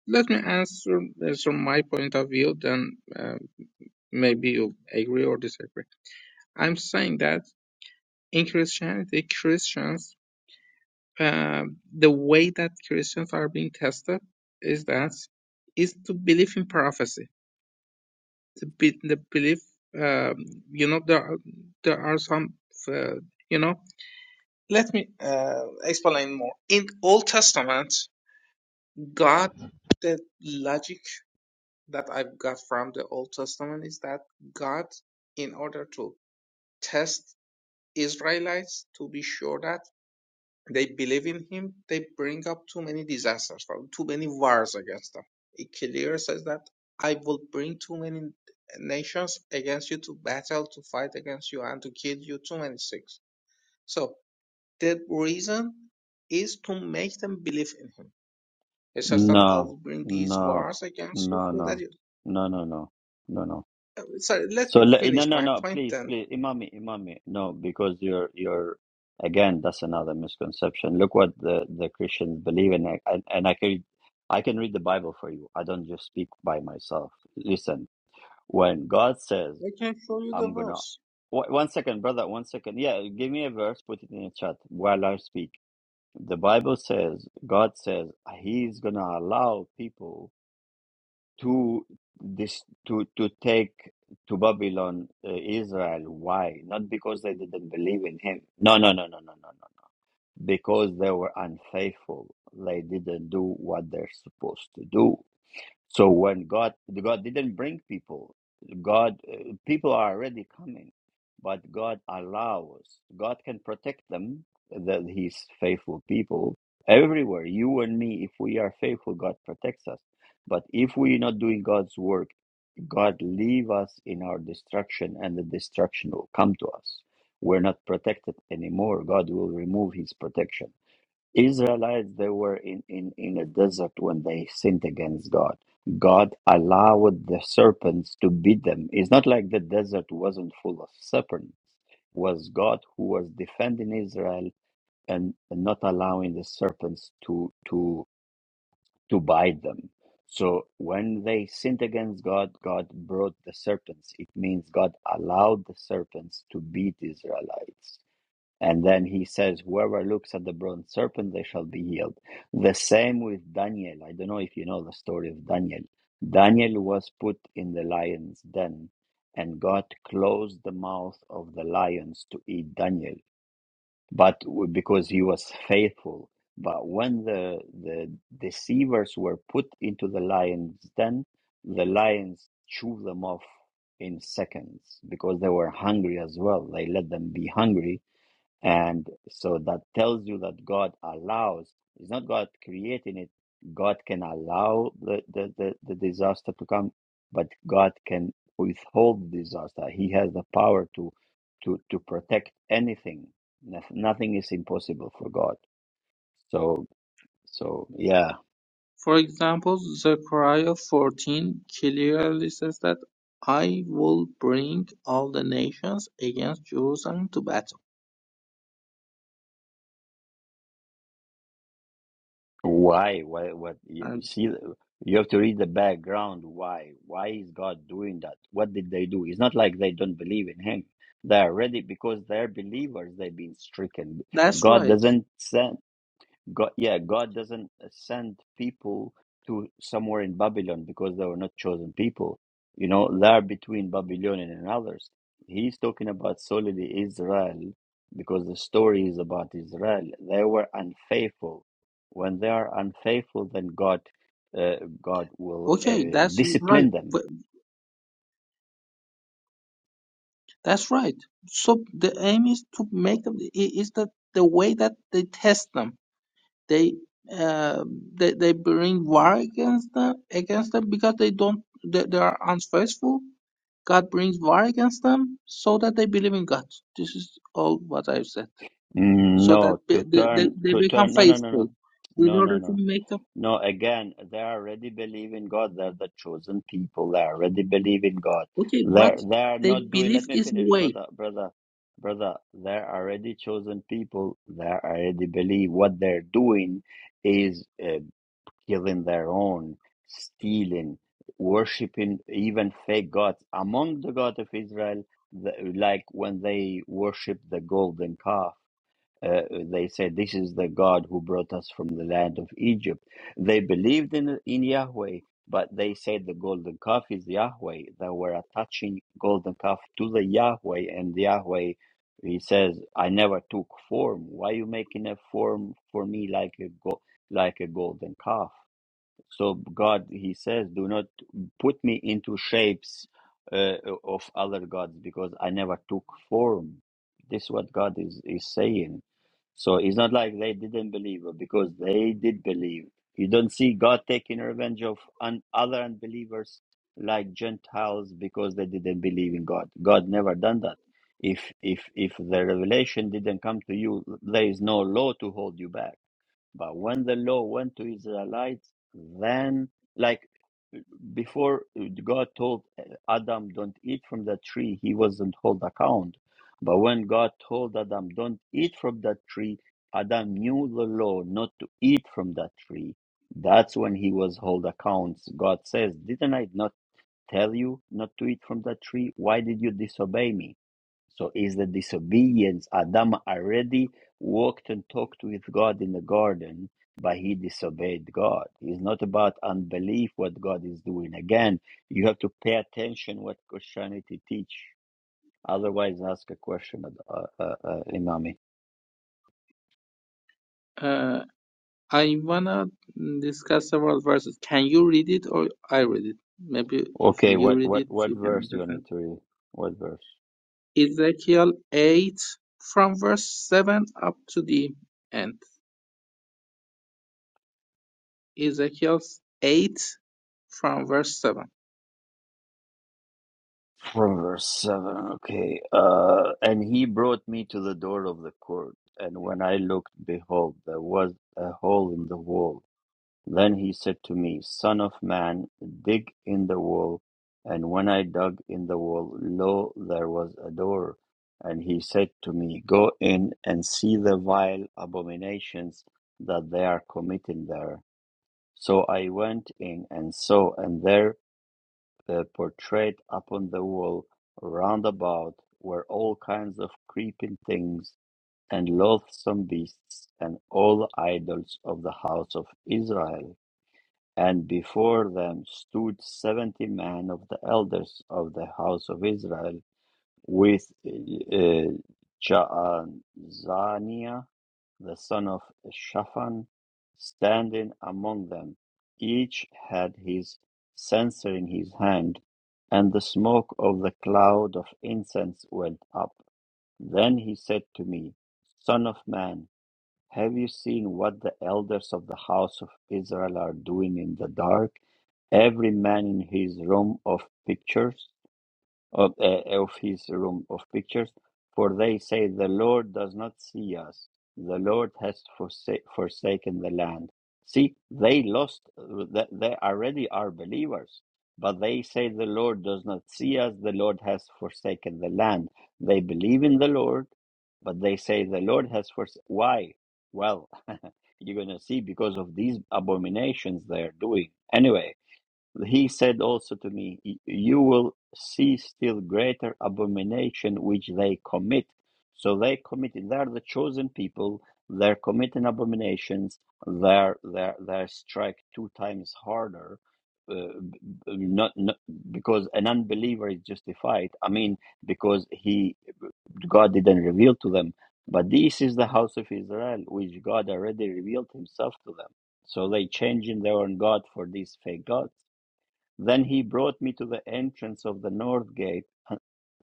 Speaker 2: let me answer from my point of view. Then uh, maybe you agree or disagree. I'm saying that. in Christianity, Christians, um, the way that Christians are being tested is that is to believe in prophecy. To be the belief, um, you know, there are- there are some, uh, you know. Let me uh, explain more. In Old Testament, God, the logic that I've got from the Old Testament is that God, in order to test Israelites, to be sure that They believe in him. They bring up too many disasters, well, too many wars against them. It clear says that I will bring too many nations against you to battle, to fight against you, and to kill you. Too many things. So the reason is to make them believe in him. It says that I
Speaker 1: no,
Speaker 2: will bring these
Speaker 1: no,
Speaker 2: wars against you
Speaker 1: no,
Speaker 2: so that
Speaker 1: no,
Speaker 2: you.
Speaker 1: no, no, no, no, no.
Speaker 2: uh, Sorry, let
Speaker 1: So
Speaker 2: me
Speaker 1: le- no,
Speaker 2: finish
Speaker 1: no,
Speaker 2: my
Speaker 1: no.
Speaker 2: point
Speaker 1: Please,
Speaker 2: then.
Speaker 1: please, Imami, Imami. No, because you're you're again. That's another misconception. Look what the the Christians believe in, and and I can I can read the Bible for you. I don't just speak by myself. Listen, when God says,
Speaker 2: I can show you the
Speaker 1: "I'm gonna,"
Speaker 2: verse.
Speaker 1: Wh- one second, brother, one second. Yeah, give me a verse. Put it in the chat while I speak. The Bible says, God says, He's gonna allow people to this to to take to Babylon uh, Israel. Why? Not because they didn't believe in him. No, no, no, no, no, no, no. no. Because they were unfaithful. They didn't do what they're supposed to do. So when God, God didn't bring people. God, uh, people are already coming, but God allows. God can protect them, that He's faithful people everywhere. You and me, if we are faithful, God protects us. But if we're not doing God's work, God leave us in our destruction, and the destruction will come to us. We're not protected anymore. God will remove His protection. Israelites, they were in, in, in a desert when they sinned against God. God allowed the serpents to beat them. It's not like the desert wasn't full of serpents. It was God who was defending Israel and, and not allowing the serpents to to to bite them. So when they sinned against God, God brought the serpents. It means God allowed the serpents to beat Israelites. And then he says, Whoever looks at the bronze serpent, they shall be healed. The same with Daniel. I don't know if you know the story of Daniel. Daniel was put in the lion's den, and God closed the mouth of the lions to eat Daniel, but w- because he was faithful. But when the, the deceivers were put into the lion's den, the lions chewed them off in seconds because they were hungry as well. They let them be hungry and so that tells you that God allows. It's not God creating it. God can allow the, the, the, the disaster to come, but God can withhold disaster. He has the power to to, to protect anything. Noth- Nothing is impossible for God. So so yeah.
Speaker 2: For example, Zechariah fourteen clearly says that "I will bring all the nations against Jerusalem to battle."
Speaker 1: Why? Why? What? You you
Speaker 2: And
Speaker 1: see, you have to read the background. Why? Why is God doing that? What did they do? It's not like they don't believe in Him. They are ready because they're believers. They've been stricken.
Speaker 2: that's
Speaker 1: God
Speaker 2: right.
Speaker 1: doesn't send. God, yeah, God doesn't send people to somewhere in Babylon because they were not chosen people. You know, they're between Babylonian and others. He's talking about solely Israel because the story is about Israel. They were unfaithful. When they are unfaithful, then God, uh, God will
Speaker 2: Okay,
Speaker 1: uh,
Speaker 2: that's right.
Speaker 1: discipline them.
Speaker 2: But That's right. So the aim is to make them. i- Is that the way that they test them? They uh, they they bring war against them against them because they don't they, they are unfaithful. God brings war against them so that they believe in God. This is all what I've said.
Speaker 1: Mm,
Speaker 2: so that
Speaker 1: No,
Speaker 2: they,
Speaker 1: to
Speaker 2: they, they
Speaker 1: turn,
Speaker 2: they
Speaker 1: to
Speaker 2: become
Speaker 1: turn. No, no, no,
Speaker 2: faithful
Speaker 1: no,
Speaker 2: in
Speaker 1: no, no,
Speaker 2: order
Speaker 1: no.
Speaker 2: to make up.
Speaker 1: No, again, they already believe in God. They're the chosen people. They already believe in God.
Speaker 2: Okay, but
Speaker 1: They're they are
Speaker 2: they
Speaker 1: not doing.
Speaker 2: believe
Speaker 1: Let me
Speaker 2: is the
Speaker 1: finish,
Speaker 2: way.
Speaker 1: brother, brother, brother. They're already chosen people. They already believe. What they're doing is uh, killing their own, stealing, worshiping even fake gods. Among the God of Israel, the, like when they worship the golden calf. Uh, they said, This is the God who brought us from the land of Egypt. They believed in, in Yahweh, but they said the golden calf is Yahweh. They were attaching golden calf to the Yahweh, and Yahweh, he says, I never took form. Why you making a form for me like a, go- like a golden calf? So God, he says, do not put me into shapes uh, of other gods because I never took form. This is what God is, is saying so it's not like they didn't believe her because they did believe. You don't see God taking revenge of un- other unbelievers like Gentiles because they didn't believe in God. God never done that. If if if the revelation didn't come to you, there is no law to hold you back. But when the law went to Israelites, then like before God told Adam, don't eat from that tree, he wasn't hold account. But when God told Adam, don't eat from that tree, Adam knew the law not to eat from that tree. That's when he was hold accounts. God says, didn't I not tell you not to eat from that tree? Why did you disobey me? So is the disobedience. Adam already walked and talked with God in the garden, but he disobeyed God. It's not about unbelief what God is doing. Again, you have to pay attention what Christianity teach. Otherwise, ask a question, uh, uh, uh, uh, Imami.
Speaker 2: Uh, I wanna discuss several verses. Can you read it or I read it? Maybe if
Speaker 1: Okay,
Speaker 2: you
Speaker 1: what,
Speaker 2: read
Speaker 1: what,
Speaker 2: it,
Speaker 1: what
Speaker 2: you can
Speaker 1: verse do you want me
Speaker 2: understand.
Speaker 1: to read? What verse?
Speaker 2: Ezekiel 8 from verse 7 up to the end. Ezekiel 8 from verse 7.
Speaker 1: From verse 7, okay. Uh, and he brought me to the door of the court, and when I looked, behold, there was a hole in the wall Then he said to me, Son of man, dig in the wall. And when I dug in the wall, lo, there was a door. And he said to me, Go in and see the vile abominations that they are committing there. So I went in and saw, and there uh, portrayed upon the wall round about were all kinds of creeping things and loathsome beasts and all idols of the house of Israel. And before them stood seventy men of the elders of the house of Israel, with uh, Jaazaniah the son of Shaphan standing among them. Each had his censer in his hand, and the smoke of the cloud of incense went up. Then he said to me, Son of man, have you seen what the elders of the house of Israel are doing in the dark, every man in his room of pictures? of, uh, of his room of pictures, for they say the Lord does not see us. The Lord has forsa- forsaken the land. See, they lost. th- They already are believers, but they say the Lord does not see us. The Lord has forsaken the land. They believe in the Lord, but they say the Lord has forsaken. Why? Well, [LAUGHS] you're gonna see because of these abominations they are doing. Anyway, he said also to me, You will see still greater abomination which they commit. So they committed, they're the chosen people, they're committing abominations, they're, they're, they're strike two times harder. Uh, not, not because an unbeliever is justified. I mean, because he God didn't reveal to them. But this is the house of Israel, which God already revealed Himself to them. So they changing their own God for these fake gods then he brought me to the entrance of the north gate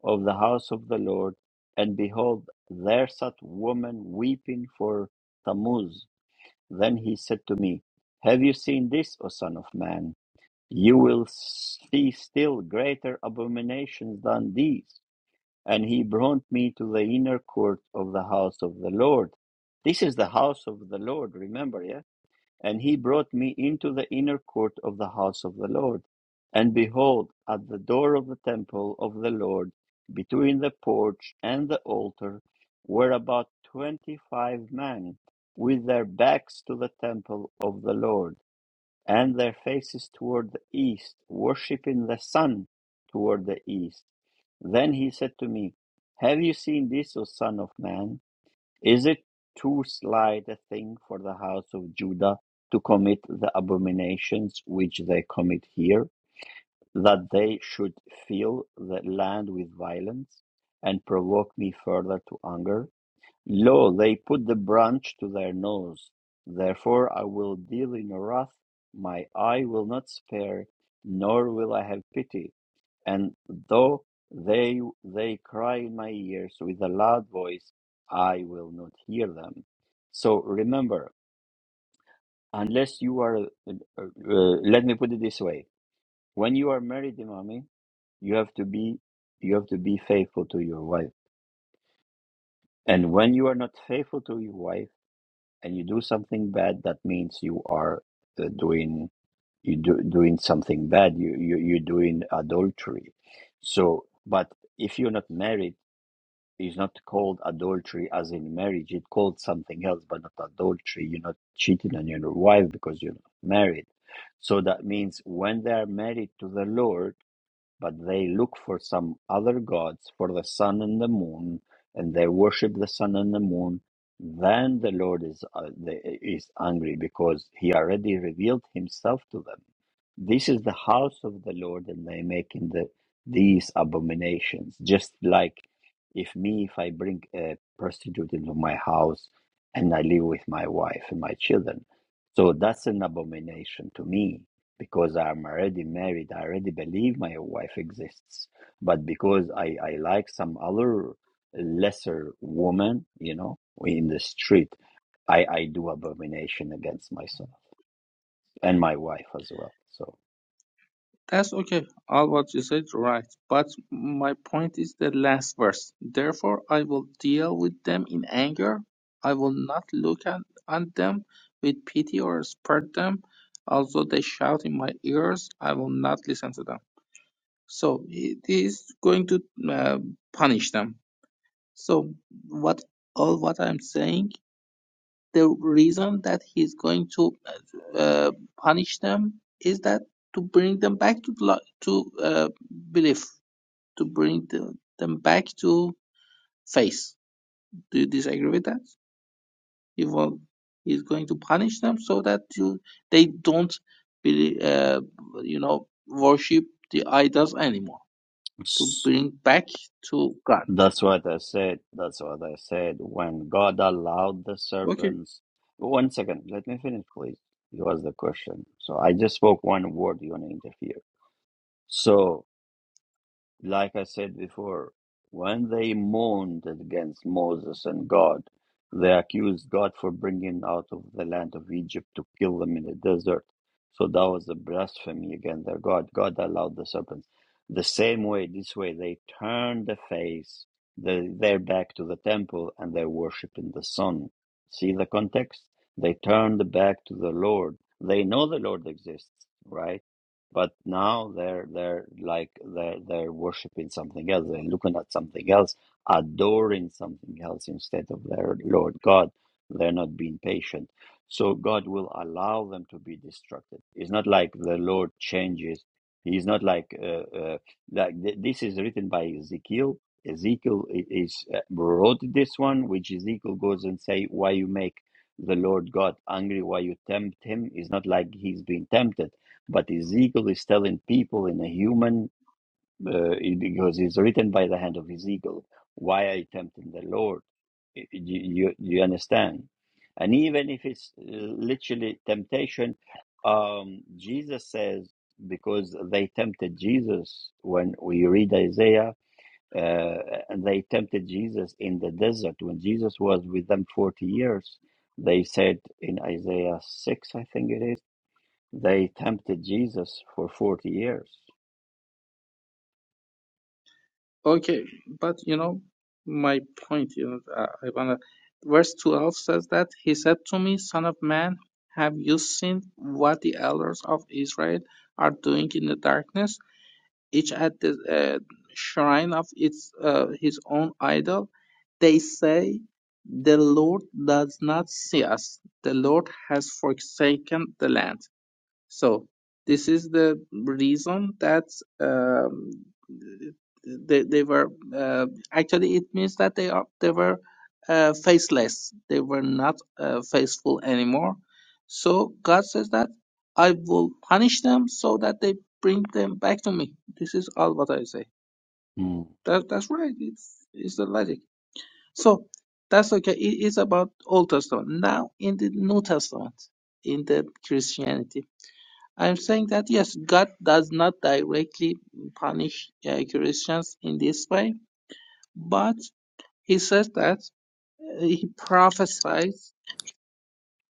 Speaker 1: of the house of the Lord, and behold, there sat a woman weeping for Tammuz. Then he said to me, Have you seen this, O Son of Man? You will see still greater abominations than these. And he brought me to the inner court of the house of the Lord. This is the house of the Lord, remember, yeah. And he brought me into the inner court of the house of the Lord. And behold, at the door of the temple of the Lord, between the porch and the altar, were about twenty five men, with their backs to the temple of the Lord, and their faces toward the east, worshipping the sun toward the east. Then he said to me, Have you seen this, O Son of Man? Is it too slight a thing for the house of Judah to commit the abominations which they commit here, that they should fill the land with violence and provoke me further to anger? Lo, they put the branch to their nose: therefore I will deal in wrath, my eye will not spare, nor will I have pity. And though they they cry in my ears with a loud voice, I will not hear them. So remember, unless you are, uh, uh, let me put it this way: when you are married, Imami, you have to be you have to be faithful to your wife. And when you are not faithful to your wife and you do something bad, that means you are uh, doing you do doing something bad. You you you're doing adultery. So, but if you're not married, it's not called adultery as in marriage. It's called something else, but not adultery. You're not cheating on your wife because you're not married. So that means when they are married to the Lord but they look for some other gods, for the sun and the moon, and they worship the sun and the moon. Then the Lord is uh, the, is angry because He already revealed Himself to them. This is the house of the Lord, and they make in the these abominations. Just like if me, if I bring a prostitute into my house and I live with my wife and my children, so that's an abomination to me because I'm already married. I already believe my wife exists, but because I I like some other lesser woman, you know, in the street, I I do abomination against myself and my wife as well.
Speaker 2: That's okay. All what you said right. But my point is the last verse. Therefore I will deal with them in anger. I will not look at, on them with pity or spare them. Although they shout in my ears, I will not listen to them. So it is going to uh, punish them. So what all what I'm saying the reason that he's going to uh, punish them is that to bring them back to blo- to uh, belief, to bring the, them back to faith. Do you disagree with that? He will, he's going to punish them so that you they don't, believe, uh, you know, worship the idols anymore. To
Speaker 1: So.
Speaker 2: bring back to God.
Speaker 1: That's what I said. That's what I said. When God allowed the
Speaker 2: Okay.
Speaker 1: serpents. One second, let me finish, please. It was the question. So I just spoke one word, you want to interfere. So like I said before, when they moaned against Moses and God, they accused God for bringing them out of the land of Egypt to kill them in the desert. So that was a blasphemy against their God. God allowed the serpents. The same way, this way, they turned the face, the, their back to the temple, and they're worshiping the sun. See the context? They turned back to the Lord. They know the Lord exists, right? But now they're they're like they're they're worshiping something else. They're looking at something else, adoring something else instead of their Lord God. They're not being patient. So God will allow them to be destructed. It's not like the Lord changes. He's not like uh, uh, like th- this is written by Ezekiel. Ezekiel i- is uh, wrote this one, which Ezekiel goes and say, "Why you make the Lord God angry? Why you tempt him?" It's not like he's being tempted but Ezekiel is telling people in a human, uh, it- because it's written by the hand of Ezekiel, why are you tempting the Lord? You, you, you understand? And even if it's uh, literally temptation, um, Jesus says, because they tempted Jesus when we read Isaiah, uh, and they tempted Jesus in the desert when Jesus was with them 40 years. They said in Isaiah 6, I think it is they tempted Jesus for 40 years.
Speaker 2: Okay, but you know, my point, you know, uh, I wanna, verse 12 says that he said to me, Son of man, have you seen what the elders of Israel are doing in the darkness, each at the uh, shrine of its uh, his own idol? They say, The Lord does not see us, the Lord has forsaken the land. So this is the reason that um, they they were uh, actually it means that they are they were uh, faceless. They were not uh, faithful anymore. So God says that I will punish them so that they bring them back to me. This is all what I say.
Speaker 1: Mm.
Speaker 2: That that's right. It's it's the logic. So that's okay. It is about Old Testament. Now in the New Testament, in the Christianity. I'm saying that yes, God does not directly punish uh, Christians in this way, but He says that uh, He prophesies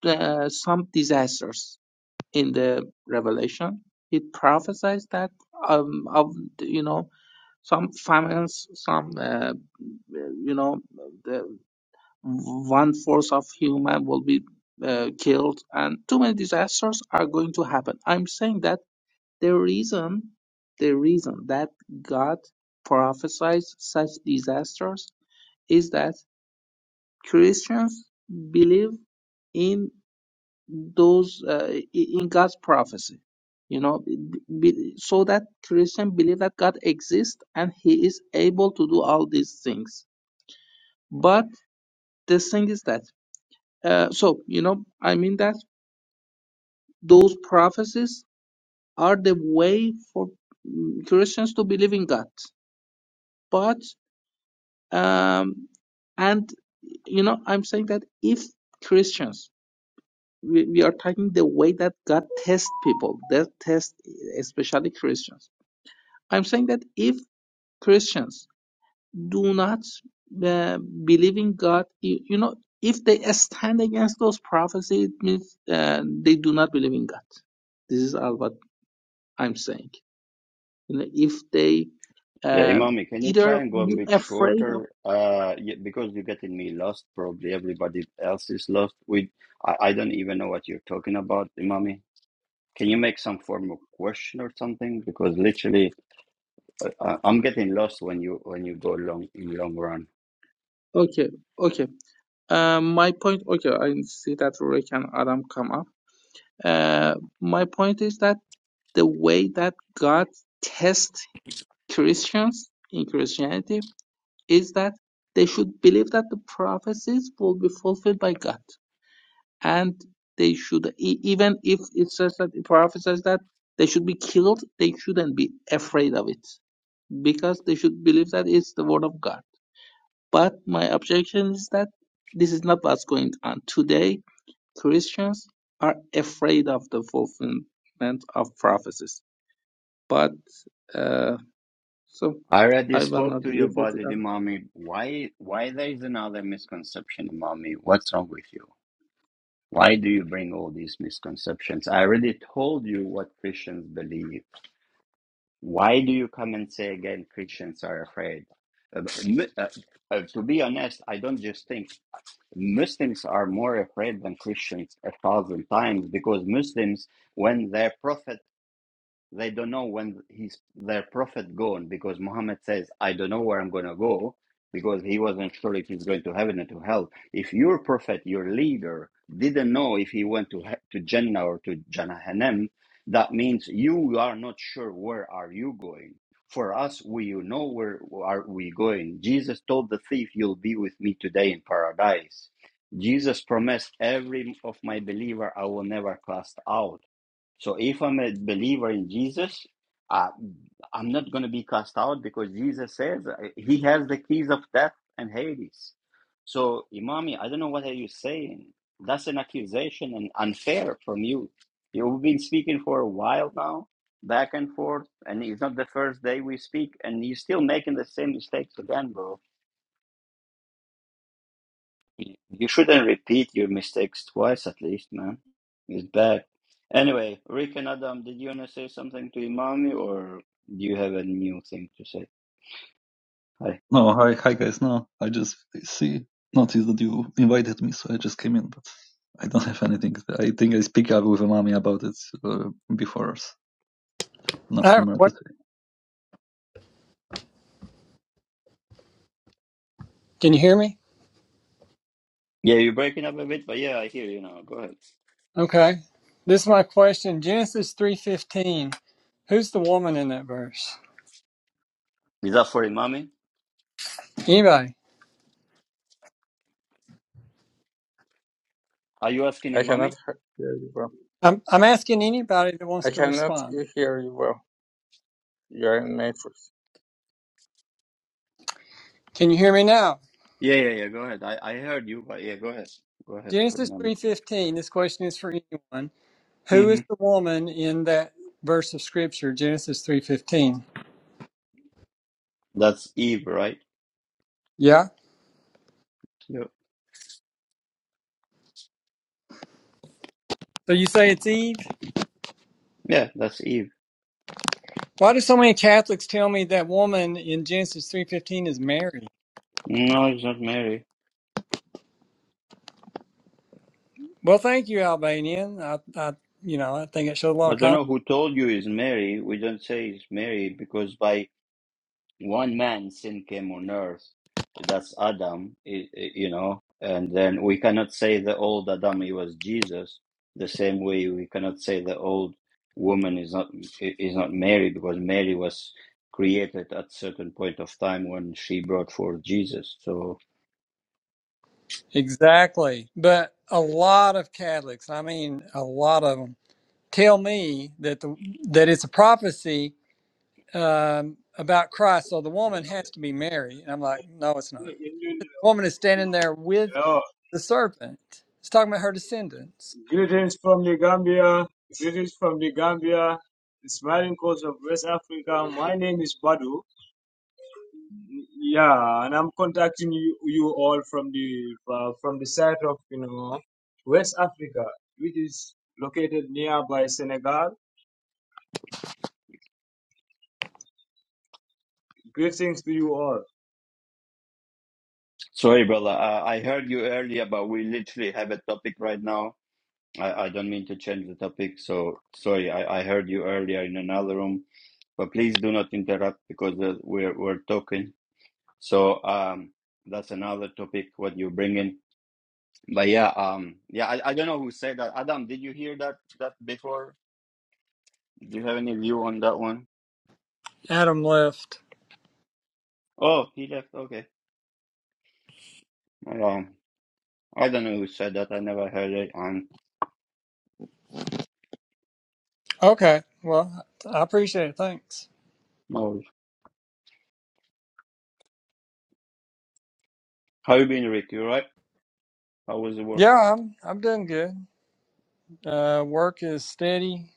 Speaker 2: uh, some disasters in the Revelation. He prophesies that um, of you know some famines, some uh, you know the one fourth of human will be uh, killed, and too many disasters are going to happen. I'm saying that The reason the reason that God prophesies such disasters is that Christians believe in those uh, in God's prophecy. You know, b- so that Christian believe that God exists and He is able to do all these things. But the thing is that, uh, so you know, I mean that those prophecies are the way for mm, Christians to believe in God. Um, and you know, I'm saying that if Christians, we, we are talking the way that God tests people, that test especially Christians. I'm saying that if Christians do not uh, believe in God, you, you know, if they stand against those prophecies, it means uh, they do not believe in God. This is all what I'm saying. You know, if they
Speaker 1: Yeah,
Speaker 2: uh,
Speaker 1: Imami, can you try
Speaker 2: either
Speaker 1: and go a
Speaker 2: be
Speaker 1: bit
Speaker 2: afraid of,
Speaker 1: shorter? Uh, yeah, because you're getting me lost. Probably everybody else is lost. We, I, I don't even know what you're talking about, Imami. Can you make some form of question or something? Because literally, uh, uh, I'm getting lost when you when you go long in long run.
Speaker 2: okay, okay. Uh, my point, okay, I see that Rick and Adam come up. Uh, my point is that the way that God tests Christians in Christianity is that they should believe that the prophecies will be fulfilled by God, and they should e- even if it says that the prophet says that they should be killed, they shouldn't be afraid of it because they should believe that it's the word of God. But my objection is that this is not what's going on today Christians are afraid of the fulfillment of prophecies. But uh, so
Speaker 1: I already
Speaker 2: I will
Speaker 1: spoke
Speaker 2: not
Speaker 1: to you
Speaker 2: leave it
Speaker 1: about it, Imami. Why why there is another misconception, Imami? What's wrong with you? Why do you bring all these misconceptions? I already told you what Christians believe. Why do you come and say again Christians are afraid? Uh, m- uh, uh, to be honest, I don't just think Muslims are more afraid than Christians a thousand times because Muslims, when their prophet they don't know when he's their prophet gone because Muhammad says, I don't know where I'm going to go because he wasn't sure if he's going to heaven or to hell. If your prophet, your leader, didn't know if he went to he- to Jannah or to Jahannam, that means you are not sure where are you going. For us, we know where are we going. Jesus told the thief, "You'll be with me today in paradise." Jesus promised every of my believer I will never cast out so if I'm a believer in Jesus, uh, I'm not going to be cast out because Jesus says uh, he has the keys of death and Hades. So, Imami, I don't know what are you saying. That's an accusation and unfair from you. You've been speaking for a while now, back and forth, and it's not the first day we speak, and you're still making the same mistakes again, bro. You shouldn't repeat your mistakes twice, at least, man. It's bad. Anyway, Rick and Adam, did you want to say something to Imami, or do you have a new thing to say? Hi.
Speaker 5: No, hi, hi guys. No, I just see noticed that you invited me, so I just came in, but I don't [LAUGHS] have anything. I think I speak up with mommy about it uh, before. so
Speaker 6: I have
Speaker 5: Nothing
Speaker 6: a
Speaker 5: more to
Speaker 6: question.
Speaker 5: say.
Speaker 6: Can you hear me?
Speaker 1: Yeah, you're breaking up a bit, but yeah, I hear you now. Go ahead.
Speaker 6: Okay. This is my question. Genesis three fifteen. Who's the woman in that verse?
Speaker 1: Is that for Imami?
Speaker 6: Anybody?
Speaker 1: Are you asking
Speaker 2: I
Speaker 1: Imami?
Speaker 2: cannot hear you well.
Speaker 6: I'm I'm asking anybody that wants
Speaker 2: I
Speaker 6: to
Speaker 2: cannot
Speaker 6: respond.
Speaker 2: hear you well. You are in matrix.
Speaker 6: Can you hear me now?
Speaker 1: Yeah, yeah, yeah. Go ahead. I, I heard you, but yeah, go ahead. Go ahead for
Speaker 6: Genesis
Speaker 1: Imami.
Speaker 6: three fifteen. This question is for anyone. Who
Speaker 1: hmm
Speaker 6: is the woman in that verse of scripture? Genesis three fifteen.
Speaker 1: That's Eve, right?
Speaker 6: Yeah.
Speaker 1: Yeah.
Speaker 6: So you say it's Eve.
Speaker 1: Yeah, that's Eve.
Speaker 6: Why do so many Catholics tell me that woman in Genesis three fifteen is Mary?
Speaker 1: No, it's not Mary.
Speaker 6: Well, thank you, Albanian. I, I you know I think it showed a lot
Speaker 1: I
Speaker 6: of
Speaker 1: don't
Speaker 6: common.
Speaker 1: know who told you it's Mary. We don't say it's Mary because by one man sin came on earth that's adam i- i- you know and then we cannot say the old adam he was jesus the same way we cannot say the old woman is not is not mary because mary was created at certain point of time when she brought forth jesus so
Speaker 6: Exactly. But a lot of Catholics, I mean, a lot of them, tell me that the that it's a prophecy um, about Christ. So the woman has to be Mary, and I'm like, no, it's not. The woman is standing there with
Speaker 7: Hello.
Speaker 6: the serpent. It's talking about her descendants.
Speaker 7: Greetings from the Gambia. Greetings from the Gambia, the smiling coast of West Africa. My name is Badu. Yeah, and I'm contacting you, you all from the uh, from the side of you know West Africa, which is located nearby Senegal. Greetings to you all.
Speaker 1: sorry brother i, I heard you earlier but we literally have a topic right now I, I don't mean to change the topic so sorry I, I heard you earlier in another room but please do not interrupt because uh, we're we're talking. So um, that's another topic what you bring in. But yeah, um, yeah, I, I don't know who said that. Adam, did you hear that that before? Do you have any view on that one?
Speaker 6: Adam left.
Speaker 1: Oh, he left. Okay. Um, I don't know who said that. I never heard it. Um,
Speaker 6: Okay. Well, I appreciate it. Thanks.
Speaker 1: no. How you been, Rick? You all right? How was the work?
Speaker 6: Yeah, I'm I'm doing good. Uh, work is steady,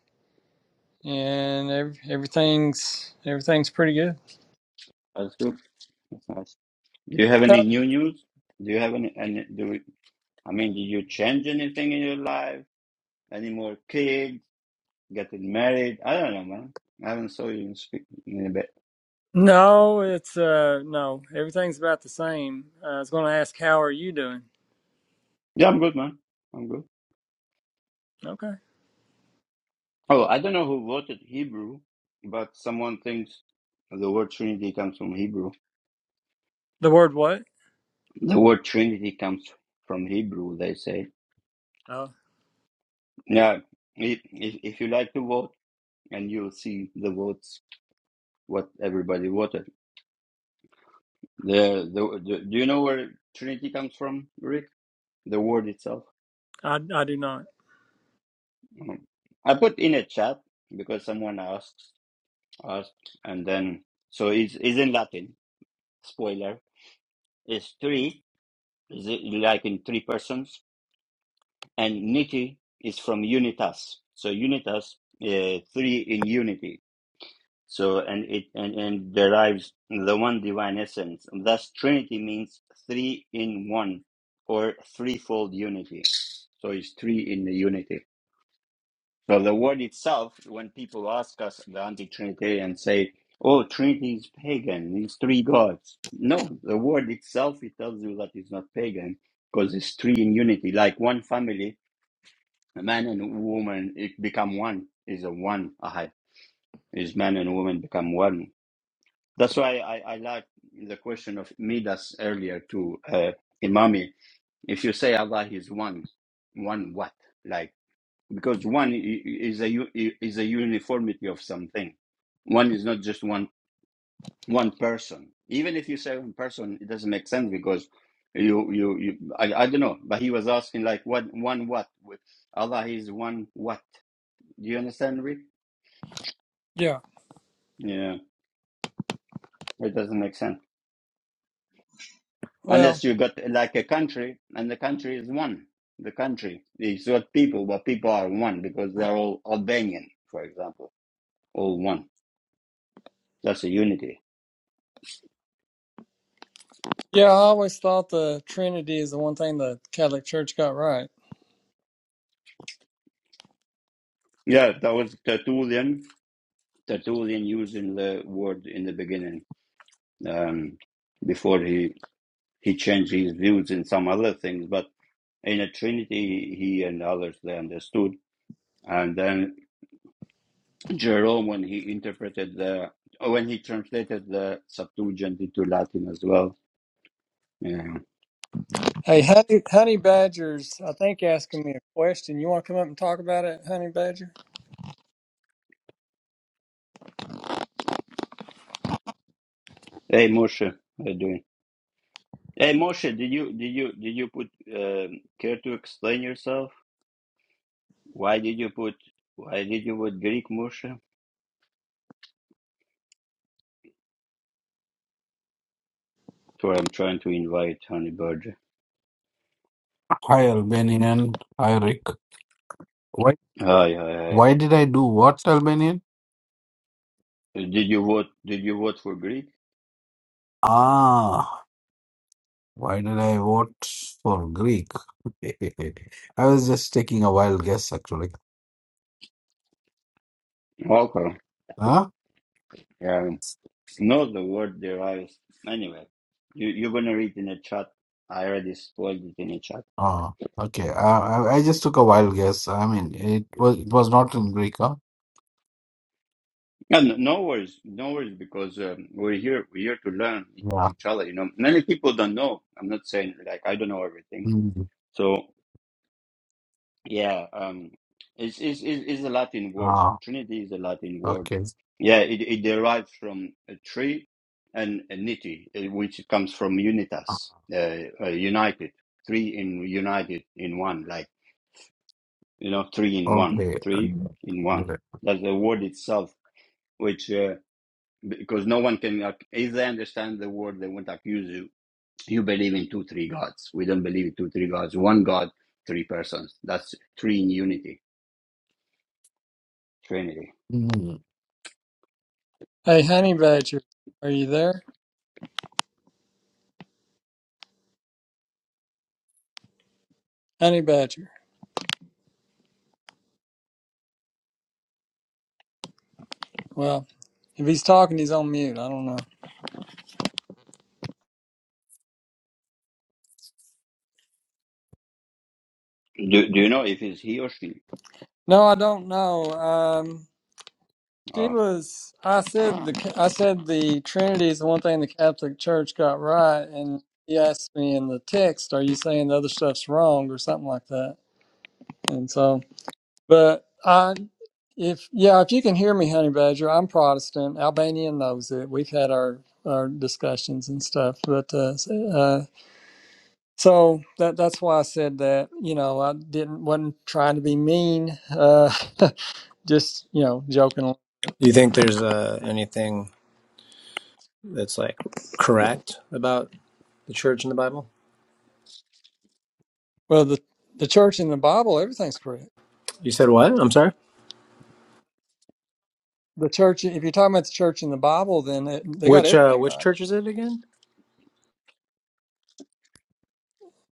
Speaker 6: and ev- everything's everything's pretty good.
Speaker 1: That's good. That's nice. Do you have any new news? Do you have any? any do we, I mean, did you change anything in your life? Any more kids? Getting married. I don't know, man. I haven't saw you in speak in a bit.
Speaker 6: No, it's uh no. Everything's about the same. Uh, I was going to ask how are you doing?
Speaker 1: Yeah, I'm good, man. I'm good.
Speaker 6: Okay.
Speaker 1: Oh, I don't know who voted Hebrew, but someone thinks the word Trinity comes from Hebrew.
Speaker 6: The word what?
Speaker 1: The word Trinity comes from Hebrew, they say.
Speaker 6: Oh,
Speaker 1: Yeah, if, if, if you like to vote, and you'll see the votes, what everybody voted. The, the, the Do you know where Trinity comes from, Rick? The word itself?
Speaker 6: I I do not.
Speaker 1: Mm. I put in a chat because someone asked. Art, and then so it's, it's in Latin. Spoiler is three, is it like in three persons, and niti is from unitas. So unitas, uh, three in unity. So and it and, and derives the one divine essence. Thus, Trinity means three in one or threefold unity. So it's three in the unity. So the word itself, when people ask us, the anti trinitarians say, "Oh, Trinity is pagan; It's three gods." No, the word itself it tells you that it's not pagan because it's three in unity, like one family, a man and a woman it become one. Is a one ahad. Is man and woman become one? That's why I, I like the question of Midas earlier to uh, Imami. If you say Allah is one, one what? like? because one i- is a u- i- is a uniformity of something. One is not just one one person. Even if you say one person, it doesn't make sense because you you, you I, I don't know. But he was asking like what one what with Allah is one what? Do you understand, Rick?
Speaker 6: Yeah.
Speaker 1: Yeah, it doesn't make sense
Speaker 6: Well,
Speaker 1: unless you got like a country and the country is one. The country is not people, but people are one because they're all Albanian, for example, all one. That's a unity.
Speaker 6: yeah, I always thought the Trinity is the one thing the Catholic Church got right.
Speaker 1: Yeah, that was the tool then. The tool then using the word in the beginning, um, before he he changed his views in some other things. But in a Trinity, he and others they understood. And then Jerome, when he interpreted the when he translated the Septuagint into Latin as well. Yeah.
Speaker 6: Hey, honey, honey badgers, I think asking me a question. You want to come up and talk about it, honey badger?
Speaker 1: Hey Moshe, how you doing? Hey Moshe, did you did you did you put um, care to explain yourself? Why did you put why did you put Greek Moshe? So I'm trying to invite Honeybird.
Speaker 8: Hi Albanian. Hi Rick. Why
Speaker 1: Hi, hi, hi.
Speaker 8: why did I do what Albanian?
Speaker 1: Did you vote? Did you vote for Greek?
Speaker 8: Ah why did I vote for Greek? [LAUGHS] I was just taking a wild guess actually.
Speaker 1: Okay.
Speaker 8: Huh?
Speaker 1: Yeah. No, the word derives. Anyway, you, you're gonna read in the chat. I already spoiled it in the chat.
Speaker 8: Ah okay. I, I I just took a wild guess. I mean it was it was not in Greek, huh?
Speaker 1: No, no no worries, no worries, because um, we're here. We're here to learn e-
Speaker 8: Yeah.
Speaker 1: each other. You know, many people don't know. I'm not saying like I don't know everything.
Speaker 8: Mm.
Speaker 1: So Yeah, um, it's, it's, it's it's a Latin word.
Speaker 8: Ah
Speaker 1: Trinity is a Latin word.
Speaker 8: okay.
Speaker 1: Yeah, it, it derives from a tree and a niti, uh, which comes from unitas, uh, uh, united, three in united in one, like, you know, three in one,
Speaker 8: Okay.
Speaker 1: three in one. That's the word itself, which, uh, because no one can, uh, if they understand the word, they won't accuse you. You believe in two, three gods. We don't believe in two, three gods. One God, three persons. That's three in unity, Trinity.
Speaker 8: Mm.
Speaker 6: Hey, honey badger, are you there? Honey badger. Well, if he's talking, he's on mute. I don't know.
Speaker 1: Do Do you know if it's he or she?
Speaker 6: No, I don't know. Um. She
Speaker 1: Ah,
Speaker 6: was. I said the. I said the Trinity is the one thing the Catholic Church got right, and he asked me in the text, "Are you saying the other stuff's wrong or something like that?" And so, but I, if yeah, if you can hear me, Honey Badger, I'm Protestant. Albanian knows it. We've had our our discussions and stuff, but uh, s- uh, so that that's why I said that. You know, I didn't wasn't trying to be mean. Uh, [LAUGHS] just you know, joking
Speaker 9: Do you think there's uh, anything that's like correct about the church in the Bible?
Speaker 6: Well, the the church in the Bible, everything's correct.
Speaker 9: You said what? I'm sorry.
Speaker 6: The church, if you're talking about the church in the Bible, then it, they got
Speaker 9: Which uh,
Speaker 6: everything
Speaker 9: which
Speaker 6: right.
Speaker 9: church is it again?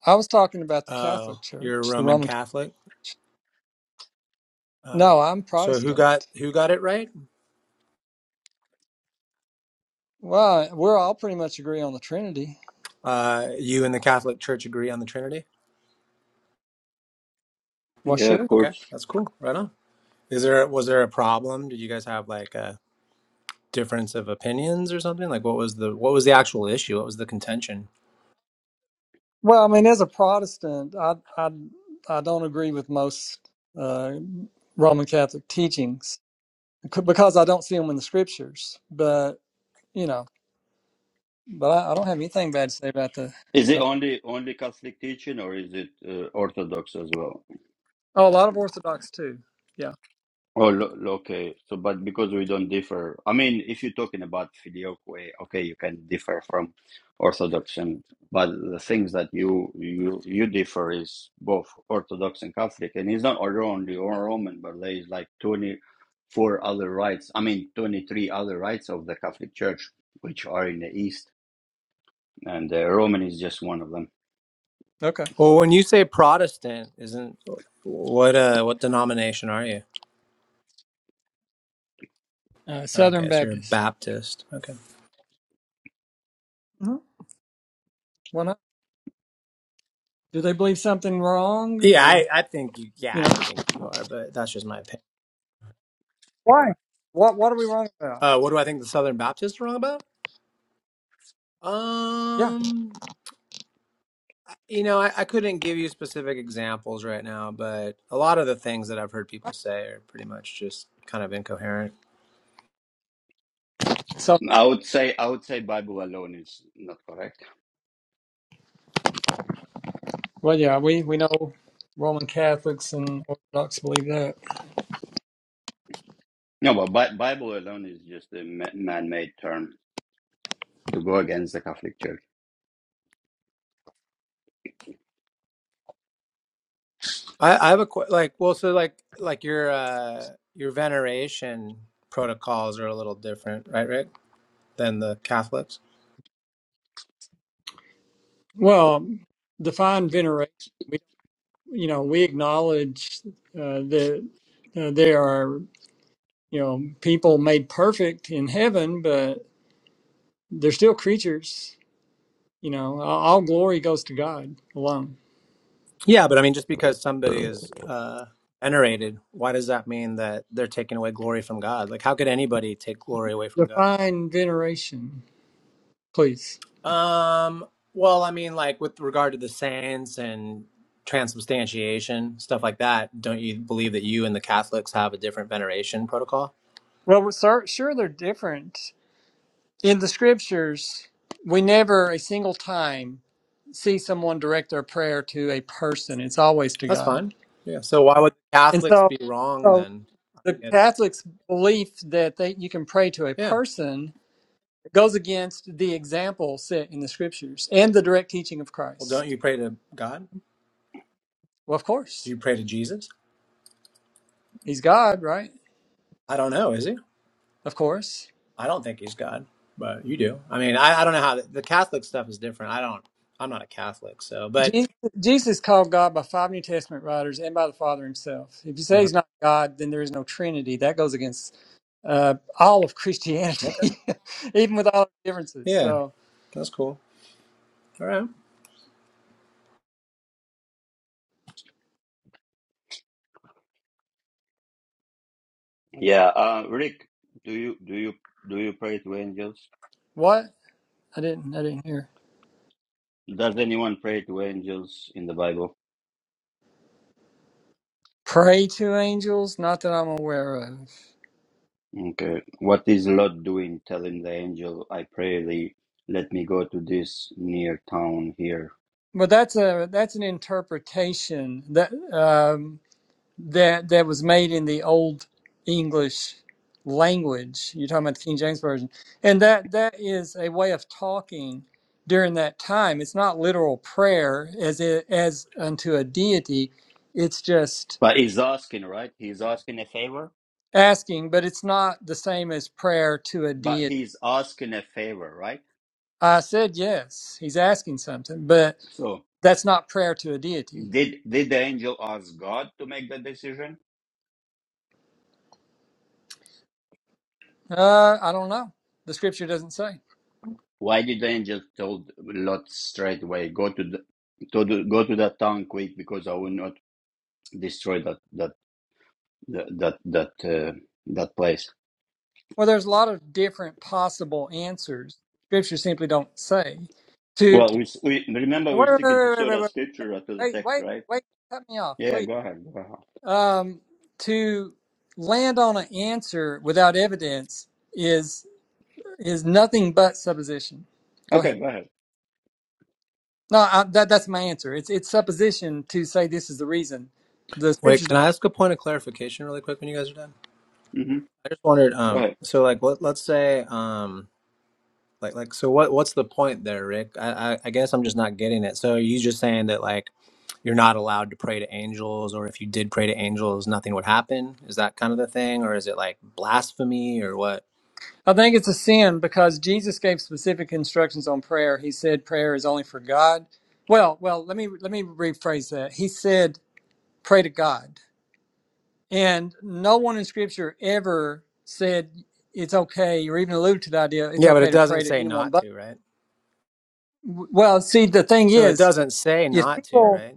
Speaker 6: I was talking about the Catholic
Speaker 9: Oh, you're a
Speaker 6: Church, the
Speaker 9: Roman
Speaker 6: Roman.
Speaker 9: Catholic. Oh.
Speaker 6: No, I'm
Speaker 9: So who
Speaker 6: Protestant.
Speaker 9: got who got it right?
Speaker 6: Well, we're all pretty much agree on the Trinity.
Speaker 9: Uh, you and the Catholic Church agree on the Trinity.
Speaker 6: Well,
Speaker 1: yeah, of
Speaker 6: sure.
Speaker 9: Okay,
Speaker 1: course.
Speaker 9: that's cool. Right on. Is there was there a problem? Did you guys have like a difference of opinions or something? Like what was the what was the actual issue? What was the contention?
Speaker 6: Well, I mean, as a Protestant, I I I don't agree with most uh, Roman Catholic teachings c- because I don't see them in the Scriptures. But you know, but I, I don't have anything bad to say about the.
Speaker 1: Is it
Speaker 6: About,
Speaker 1: only only Catholic teaching, or is it uh, Orthodox as well?
Speaker 6: oh, a lot of Orthodox too. Yeah.
Speaker 1: Oh, lo lo- okay. So, but because we don't differ, I mean, if you're talking about filioque, okay, you can differ from Orthodox, and but the things that you you you differ is both Orthodox and Catholic, and it's not only or Roman, but there is like twenty four other rites. I mean, twenty three other rites of the Catholic Church, which are in the East and uh, Roman is just one of them.
Speaker 6: Okay.
Speaker 9: Well, when you say Protestant, isn't what uh what denomination are you?
Speaker 6: Uh, Southern
Speaker 9: Okay, so you're a
Speaker 6: Baptist.
Speaker 9: Baptist. Okay.
Speaker 6: hmm Why not? Do they believe something wrong,
Speaker 9: Yeah,
Speaker 6: or
Speaker 9: I, I think you. Yeah,
Speaker 6: you know,
Speaker 9: I think you are, but that's just my opinion.
Speaker 6: Why? what what are we wrong about?
Speaker 9: Uh, what do I think the Southern Baptists are wrong about?
Speaker 6: Yeah.
Speaker 9: Um, you know, I, I couldn't give you specific examples right now, but a lot of the things that I've heard people say are pretty much just kind of incoherent.
Speaker 6: So,
Speaker 1: I would say I would say Bible alone is not correct.
Speaker 6: well, yeah, we we know Roman Catholics and Orthodox believe that.
Speaker 1: No, but Bi- Bible alone is just a ma- man-made term to go against the Catholic Church.
Speaker 9: I, I have a qu- like, well, so like, like your uh, your veneration protocols are a little different, right, Rick, than the Catholics.
Speaker 6: Well, define veneration. We you know we acknowledge uh, that uh, there are you know people made perfect in heaven, but they're still creatures. You know, all all glory goes to God alone.
Speaker 9: Yeah, but I mean, just because somebody is uh, venerated, why does that mean that they're taking away glory from God? Like, how could anybody take glory away from God?
Speaker 6: Define veneration, please.
Speaker 9: Um. Well, I mean, like with regard to the saints and transubstantiation stuff like that, don't you believe that you and the Catholics have a different veneration protocol?
Speaker 6: Well, we're sur- sure they're different. In the scriptures, we never a single time see someone direct their prayer to a person. It's always to
Speaker 9: That's
Speaker 6: God.
Speaker 9: fine. Yeah. So why would
Speaker 6: And
Speaker 9: Catholics
Speaker 6: so,
Speaker 9: be wrong
Speaker 6: so
Speaker 9: then?
Speaker 6: the
Speaker 9: Yeah.
Speaker 6: Catholics' belief that they, you can pray to a
Speaker 9: Yeah.
Speaker 6: person goes against the example set in the scriptures and the direct teaching of
Speaker 9: Well, don't
Speaker 6: Christ.
Speaker 9: you pray to God?
Speaker 6: Well, of
Speaker 9: Do
Speaker 6: course,
Speaker 9: you pray to Jesus?
Speaker 6: he's God, right?
Speaker 9: I don't know. Is he?
Speaker 6: Of course.
Speaker 9: I don't think he's God, but you do. I mean, I, I don't know how the, the Catholic stuff is different. I don't. I'm not a Catholic, so but
Speaker 6: Jesus, Jesus is called God by five New Testament writers and by the Father himself. If you say
Speaker 9: uh
Speaker 6: he's not God, then there is no Trinity. That goes against uh, all of
Speaker 9: okay,
Speaker 6: Christianity, [LAUGHS] even with all the differences.
Speaker 9: yeah,
Speaker 6: So
Speaker 9: that's cool. All right.
Speaker 1: Yeah, uh, Rick, do you do you do you pray to angels?
Speaker 6: what? I didn't. I didn't hear.
Speaker 1: Does anyone pray to angels in the Bible?
Speaker 6: Pray to angels? Not that I'm aware of.
Speaker 1: Okay, what is Lot doing, telling the angel, "I pray thee, let me go to this near town here"?
Speaker 6: But that's a that's an interpretation that. um, that that was made in the old English language. You're talking about the King James version, and that that is a way of talking during that time. It's not literal prayer as it as unto a deity. It's just
Speaker 1: But he's asking, right? He's asking a favor.
Speaker 6: asking, but it's not the same as prayer to a
Speaker 1: But
Speaker 6: deity.
Speaker 1: he's asking a favor, right?
Speaker 6: I said yes. He's asking something, but
Speaker 1: So
Speaker 6: that's not prayer to a deity.
Speaker 1: Did did the angel ask God to make the decision?
Speaker 6: Uh, I don't know. The scripture doesn't say.
Speaker 1: Why did the angel told Lot straight away go to the to the, go to that town quick because I will not destroy that that that that that, uh, that place.
Speaker 6: Well, there's a lot of different possible answers. Scripture simply don't say. To,
Speaker 1: Well,
Speaker 6: to
Speaker 1: we, s- we remember we're
Speaker 6: wait,
Speaker 1: sticking to
Speaker 6: wait, wait,
Speaker 1: sort of
Speaker 6: wait,
Speaker 1: scripture or to the
Speaker 6: wait, wait,
Speaker 1: text,
Speaker 6: wait,
Speaker 1: right?
Speaker 6: wait, cut me off,
Speaker 1: Yeah,
Speaker 6: please.
Speaker 1: go ahead. Go ahead.
Speaker 6: Um, to land on an answer without evidence is is nothing but supposition. Go ahead.
Speaker 1: Okay, go ahead.
Speaker 6: No, I, that that's my answer. It's it's supposition to say this is the reason. The
Speaker 9: Wait,
Speaker 6: scriptures
Speaker 9: can I ask a point of clarification really quick when you guys are done?
Speaker 1: hmm
Speaker 9: I just wondered.
Speaker 1: Go
Speaker 9: Um,
Speaker 1: ahead.
Speaker 9: so like, what? Let's say, um, like, like, so what? What's the point there, Rick? I, I, I guess I'm just not getting it. So are you just saying that like you're not allowed to pray to angels, or if you did pray to angels, nothing would happen? Is that kind of the thing, or is it like blasphemy or what?
Speaker 6: I think it's a sin because Jesus gave specific instructions on prayer. He said prayer is only for God. Well, well, let me let me rephrase that. He said pray to God. And no one in scripture ever said it's okay or even alluded to the idea it's
Speaker 9: Yeah, but
Speaker 6: okay
Speaker 9: it
Speaker 6: to
Speaker 9: doesn't
Speaker 6: pray to
Speaker 9: say
Speaker 6: anyone
Speaker 9: not
Speaker 6: but
Speaker 9: to, right?
Speaker 6: well, see the thing
Speaker 9: So it
Speaker 6: is
Speaker 9: doesn't say
Speaker 6: if
Speaker 9: not to,
Speaker 6: people
Speaker 9: right?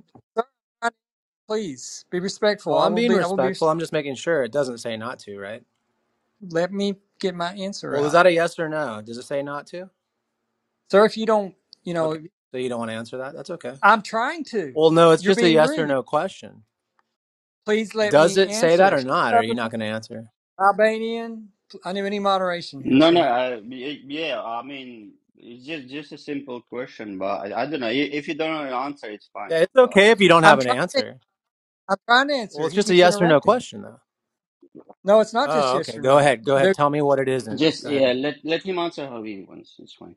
Speaker 6: please be
Speaker 9: Oh,
Speaker 6: respectful. I
Speaker 9: I'm
Speaker 6: will
Speaker 9: being
Speaker 6: be I will be
Speaker 9: respectful. I'm just making sure it doesn't say not to, right?
Speaker 6: let me get my answer
Speaker 9: Well, is
Speaker 6: out.
Speaker 9: that a yes or no? Does it say not to?
Speaker 6: Sir, if you don't, you know,
Speaker 9: Okay. So you don't want to answer that? That's okay.
Speaker 6: I'm trying to.
Speaker 9: Well, no, it's
Speaker 6: You're
Speaker 9: just a
Speaker 6: being
Speaker 9: yes or
Speaker 6: rude.
Speaker 9: no question.
Speaker 6: Please let
Speaker 9: Does
Speaker 6: me
Speaker 9: it say that
Speaker 6: answer.
Speaker 9: or
Speaker 6: Shut
Speaker 9: not? Are
Speaker 6: up,
Speaker 9: you not going to answer?
Speaker 6: Albanian. I need any moderation here,
Speaker 1: No, no.
Speaker 6: sir.
Speaker 1: I, y- yeah, I mean, it's just just a simple question, but I, I don't know. I- If you don't know the answer, it's fine.
Speaker 9: Yeah, it's
Speaker 1: But
Speaker 9: okay if
Speaker 1: it's
Speaker 9: you
Speaker 1: just
Speaker 9: don't
Speaker 1: a
Speaker 6: I'm
Speaker 9: have an
Speaker 1: simple.
Speaker 6: trying. To,
Speaker 9: answer.
Speaker 6: I'm trying to
Speaker 9: Well,
Speaker 6: answer.
Speaker 9: it's
Speaker 6: He
Speaker 9: just a
Speaker 6: keeps
Speaker 9: yes or no
Speaker 6: interrupting.
Speaker 9: question, though.
Speaker 6: No, it's not just
Speaker 9: Oh,
Speaker 6: yes
Speaker 9: okay.
Speaker 6: or
Speaker 9: Go
Speaker 6: no.
Speaker 9: ahead. Go ahead.
Speaker 6: There.
Speaker 9: Tell me what it isn't.
Speaker 1: Just
Speaker 9: Go
Speaker 1: yeah,
Speaker 9: ahead.
Speaker 1: let let him answer how he wants. It's fine.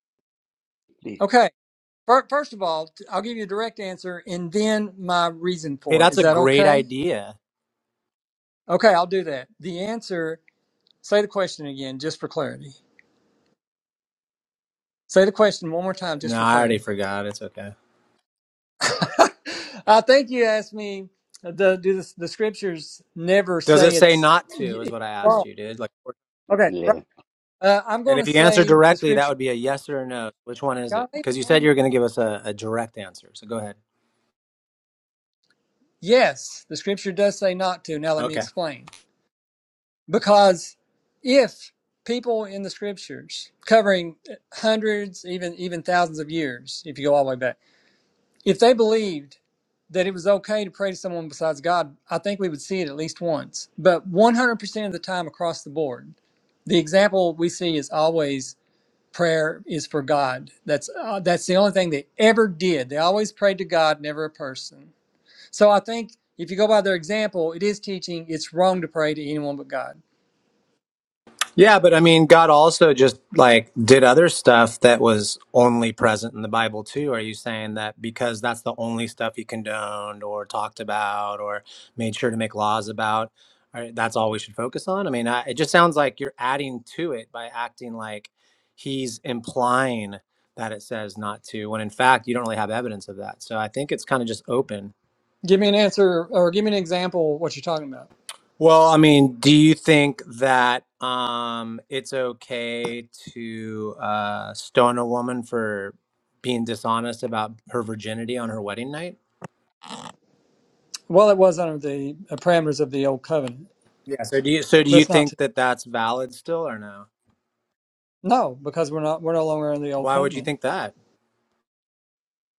Speaker 1: Please.
Speaker 6: Okay. Fir- First of all, t- I'll give you a direct answer and then my reason
Speaker 9: Hey,
Speaker 6: for it.
Speaker 9: that's
Speaker 6: Is
Speaker 9: a
Speaker 6: that
Speaker 9: great
Speaker 6: okay?
Speaker 9: idea.
Speaker 6: Okay, I'll do that. The answer. Say the question again, just for clarity. Say the question one more time, just
Speaker 9: No,
Speaker 6: for
Speaker 9: I already
Speaker 6: clarity.
Speaker 9: forgot. It's okay.
Speaker 6: [LAUGHS] I think you asked me. uh, The, do the, the scriptures never
Speaker 9: Does it
Speaker 6: say
Speaker 9: say
Speaker 6: it's?
Speaker 9: not
Speaker 6: y-
Speaker 9: to? Is
Speaker 6: It's
Speaker 9: what I asked
Speaker 6: wrong.
Speaker 9: you, dude. Like
Speaker 6: Okay,
Speaker 1: Yeah.
Speaker 6: Uh, I'm
Speaker 9: And
Speaker 6: going to
Speaker 9: if you answer
Speaker 6: say the
Speaker 9: directly, that
Speaker 6: scripture.
Speaker 9: would be a yes or a no. Which one is it?
Speaker 6: God,
Speaker 9: Because you said you
Speaker 6: man.
Speaker 9: were going to give us a, a direct answer. So go ahead.
Speaker 6: Yes, the scripture does say not to. Now let me
Speaker 9: Okay.
Speaker 6: explain. Because if people in the scriptures, covering hundreds, even even thousands of years, if you go all the way back, if they believed that it was okay to pray to someone besides God, I think we would see it at least once. But 100% of the time across the board, the example we see is always prayer is for God. That's uh, that's the only thing they ever did. They always prayed to God, never a person So I think if you go by their example, it is teaching it's wrong to pray to anyone but God.
Speaker 9: Yeah, but I mean, God also just like did other stuff that was only present in the Bible too. Are you saying that because that's the only stuff he condoned or talked about or made sure to make laws about, are- that's all we should focus on? I mean, I, it just sounds like you're adding to it by acting like he's implying that it says not to, when in fact you don't really have evidence of that. So I think it's kind of just open.
Speaker 6: Give me an answer or give me an example of what you're talking about.
Speaker 9: Well, I mean, do you think that um, it's okay to uh, stone a woman for being dishonest about her virginity on her wedding night?
Speaker 6: Well, it was under the uh, parameters of the old covenant,
Speaker 9: So Yes. do you so do
Speaker 6: but
Speaker 9: you
Speaker 6: it's not.
Speaker 9: think
Speaker 6: To,
Speaker 9: that that's valid still or no?
Speaker 6: no, because we're not. We're no longer in the old
Speaker 9: Why would you
Speaker 6: covenant
Speaker 9: think that?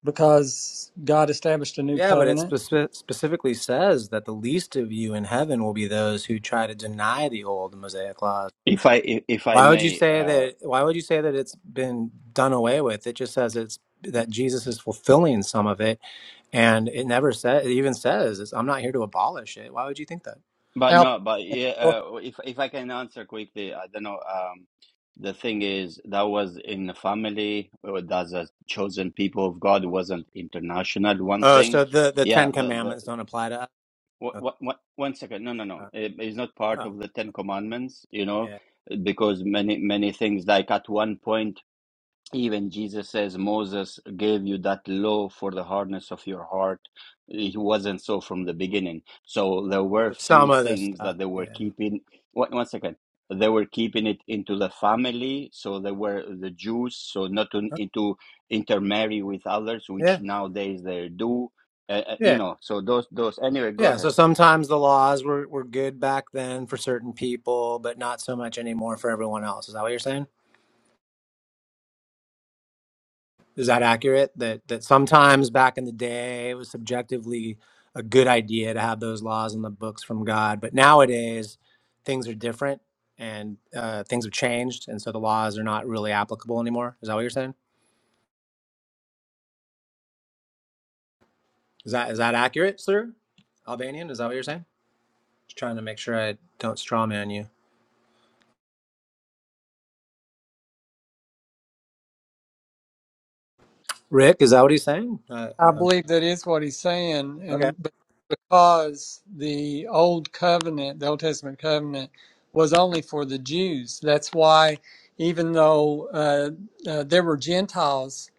Speaker 6: because God established a new
Speaker 9: Yeah, but it
Speaker 6: covenant.
Speaker 9: speci specifically says that the least of you in heaven will be those who try to deny the old Mosaic laws.
Speaker 1: If I if, if I
Speaker 9: Why would you
Speaker 1: may,
Speaker 9: say
Speaker 1: uh,
Speaker 9: that? Why would you say that it's been done away with? It just says it's that Jesus is fulfilling some of it and it never says it even says it's, i'm not here to abolish it why would you think that
Speaker 1: but
Speaker 6: Al,
Speaker 1: no, but yeah, uh, if if I can answer quickly, I don't know. Um, the thing is, that was in the family. or That's a chosen people of God. Wasn't international. One
Speaker 9: oh so
Speaker 1: thing.
Speaker 9: the the
Speaker 1: Yeah.
Speaker 9: ten
Speaker 1: The the
Speaker 9: commandments don't apply to us
Speaker 1: what
Speaker 9: okay.
Speaker 1: what, what one second. No no no.
Speaker 9: uh,
Speaker 1: It, it's not part
Speaker 9: oh
Speaker 1: of the Ten Commandments. You know,
Speaker 9: yeah
Speaker 1: because many many things like at one point. Even Jesus says, Moses gave you that law for the hardness of your heart. It wasn't so from the beginning. So there were
Speaker 9: so some
Speaker 1: few
Speaker 9: of this
Speaker 1: things
Speaker 9: stuff
Speaker 1: that they were
Speaker 9: yeah
Speaker 1: keeping. One, one second. They were keeping it into the family. So they were the Jews. So not to,
Speaker 9: Okay.
Speaker 1: into intermarry with others, which
Speaker 9: yeah
Speaker 1: nowadays they do. Uh, uh, you
Speaker 9: yeah
Speaker 1: know, so those, those, anyway, go
Speaker 9: yeah so
Speaker 1: ahead.
Speaker 9: sometimes the laws were, were good back then for certain people but not so much anymore for everyone else is that what you're saying Is that accurate? That that sometimes back in the day it was subjectively a good idea to have those laws in the books from God, but nowadays things are different and uh, things have changed, and so the laws are not really applicable anymore. Is that what you're saying? Is that is that accurate, sir? Albanian, is that what you're saying? Just trying to make sure I don't straw man you. Rick, is that what he's saying? Uh,
Speaker 6: I
Speaker 9: um,
Speaker 6: believe that is what he's saying,
Speaker 9: okay.
Speaker 6: and. because the old covenant, the Old Testament covenant, was only for the Jews. That's why, even though uh, uh, there were Gentiles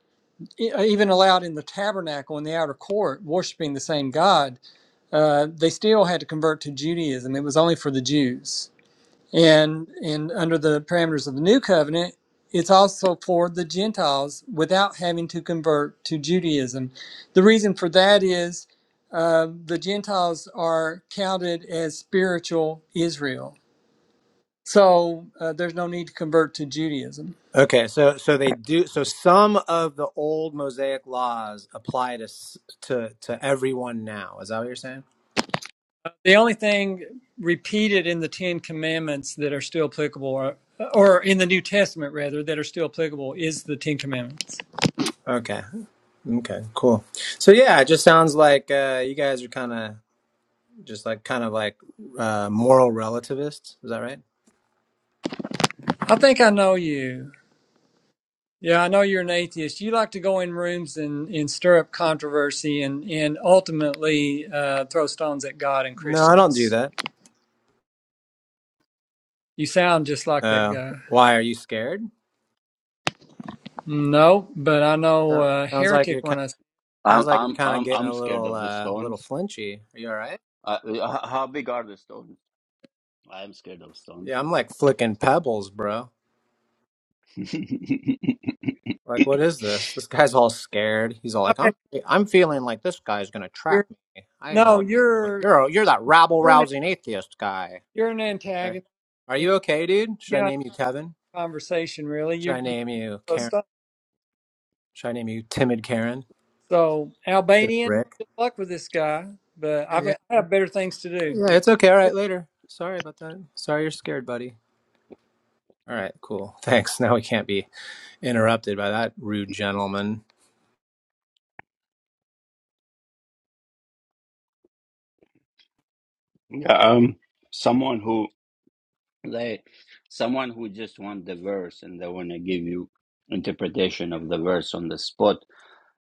Speaker 6: e- uh, even allowed in the tabernacle in the outer court worshiping the same God, uh, they still had to convert to Judaism. It was only for the Jews. And and under the parameters of the new covenant, it's also for the Gentiles without having to convert to Judaism. The reason for that is uh, the Gentiles are counted as spiritual Israel, so uh, there's no need to convert to Judaism.
Speaker 9: Okay, so so they do so some of the old Mosaic laws apply to s- to to everyone now. Is that what you're saying?
Speaker 6: The only thing repeated in the Ten Commandments that are still applicable, are, or in the New Testament rather, that are still applicable, is the Ten Commandments.
Speaker 9: Okay. Okay. Cool. So yeah, it just sounds like uh, you guys are kind of just like kind of like uh, moral relativists. Is that right?
Speaker 6: I think I know you. Yeah, I know you're an atheist. You like to go in rooms and, and stir up controversy and, and ultimately uh, throw stones at God and
Speaker 9: No, I don't do
Speaker 6: Christians.
Speaker 9: that.
Speaker 6: You sound just like that
Speaker 9: Uh,
Speaker 6: guy.
Speaker 9: why are you scared?
Speaker 6: No, but I know
Speaker 9: So-
Speaker 6: uh,
Speaker 9: Sounds like you're
Speaker 6: heretic when
Speaker 9: kind.
Speaker 6: I.
Speaker 9: Sounds
Speaker 1: I'm,
Speaker 9: like you're
Speaker 1: I'm,
Speaker 9: kind of
Speaker 1: I'm,
Speaker 9: getting a
Speaker 1: I'm scared
Speaker 9: little
Speaker 1: of the
Speaker 9: uh, a little
Speaker 1: stones.
Speaker 9: flinchy. Are you all right?
Speaker 1: Uh, h- how big are the stones? I'm scared of stones.
Speaker 9: Yeah, I'm like flicking pebbles, bro.
Speaker 1: [LAUGHS]
Speaker 9: Like, what is this? This guy's all scared. He's all
Speaker 6: I
Speaker 9: like, I'm
Speaker 6: bet
Speaker 9: I'm feeling like this guy's gonna trap
Speaker 6: you're
Speaker 9: me. I know
Speaker 6: no,
Speaker 9: what you're doing.
Speaker 6: you're
Speaker 9: You're a, you're that rabble
Speaker 6: you're an,
Speaker 9: rousing atheist guy.
Speaker 6: you're an
Speaker 9: Like, Are
Speaker 6: antagonist.
Speaker 9: are
Speaker 6: and
Speaker 9: you okay, dude? Should I
Speaker 6: You're not
Speaker 9: name you Kevin?
Speaker 6: in conversation really.
Speaker 9: Should
Speaker 6: You
Speaker 9: I
Speaker 6: you
Speaker 9: name you
Speaker 6: throw
Speaker 9: Karen?
Speaker 6: stones.
Speaker 9: Should I name you Timid Karen
Speaker 6: So
Speaker 9: instead of
Speaker 6: Albanian,
Speaker 9: Rick?
Speaker 6: good luck with this guy. But
Speaker 9: Yeah,
Speaker 6: I've,
Speaker 9: yeah,
Speaker 6: I have better things to do.
Speaker 9: yeah. It's okay. All right, later. Sorry about that. Sorry you're scared, buddy. All right, cool. [LAUGHS] Thanks. Now we can't be interrupted by that rude gentleman.
Speaker 1: Yeah, um, someone who they, someone who just want the verse and they want to give you interpretation of the verse on the spot.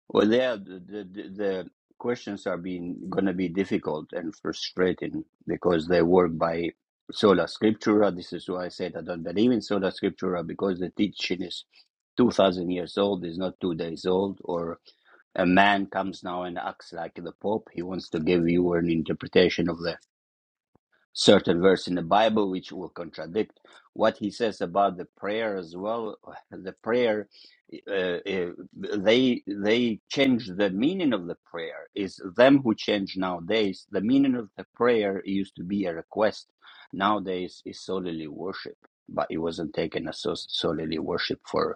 Speaker 1: Well, yeah, the the, the the questions are being going to be difficult and frustrating because they work by sola scriptura. This is why I said I don't believe in sola scriptura because the teaching is two thousand years old, is not two days old. Or a man comes now and acts like the pope. He wants to give you an interpretation of the certain verse in the Bible which will contradict what he says about the prayer as well. The prayer, uh, uh, they they change the meaning of the prayer. Is them who change nowadays the meaning of the prayer used to be a request. Nowadays is solely worship, but it wasn't taken as so- solely worship for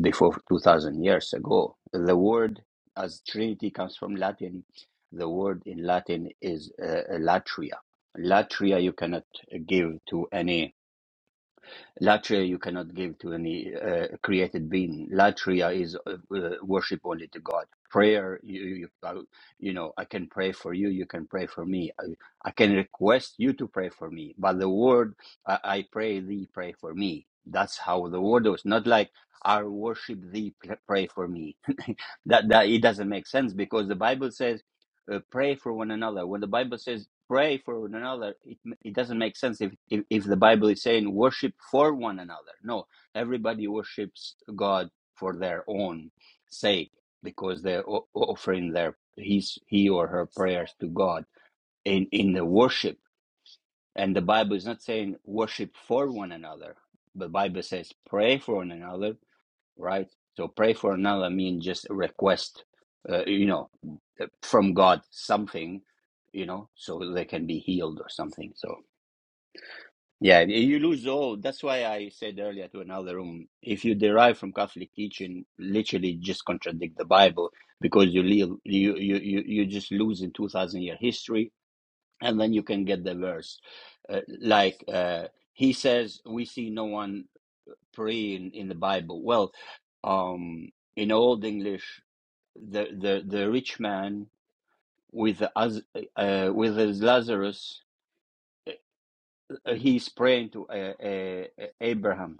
Speaker 1: before 2000 years ago. The word as Trinity comes from Latin. The word in Latin is uh, latria. Latria you cannot give to any Latria you cannot give to any uh, created being. Latria is uh, uh, worship only to God. Prayer, you, you, uh, you know, I can pray for you, you can pray for me. I, I can request you to pray for me. But the word, I, I pray thee, pray for me. That's how the word was. Not like, I worship thee, pr- pray for me. [LAUGHS] that, that It doesn't make sense because the Bible says, uh, pray for one another. When the Bible says, pray for one another it, it doesn't make sense if, if if the bible is saying worship for one another no everybody worships god for their own sake because they're o- offering their his he or her prayers to god in in the worship and the bible is not saying worship for one another the bible says pray for one another right? So pray for another mean just a request, uh, you know, uh, from God something, you know, so they can be healed or something. So yeah, you lose all. That's why I said earlier to another room, if you derive from Catholic teaching, literally just contradict the Bible because you leave, you you you, you just lose in two thousand year history, and then you can get the verse uh, like. Uh, he says, "We see no one pray in, in the Bible? Well, um, in Old English, the, the, the rich man with the, uh, with his Lazarus, uh, he's praying to uh, uh, Abraham.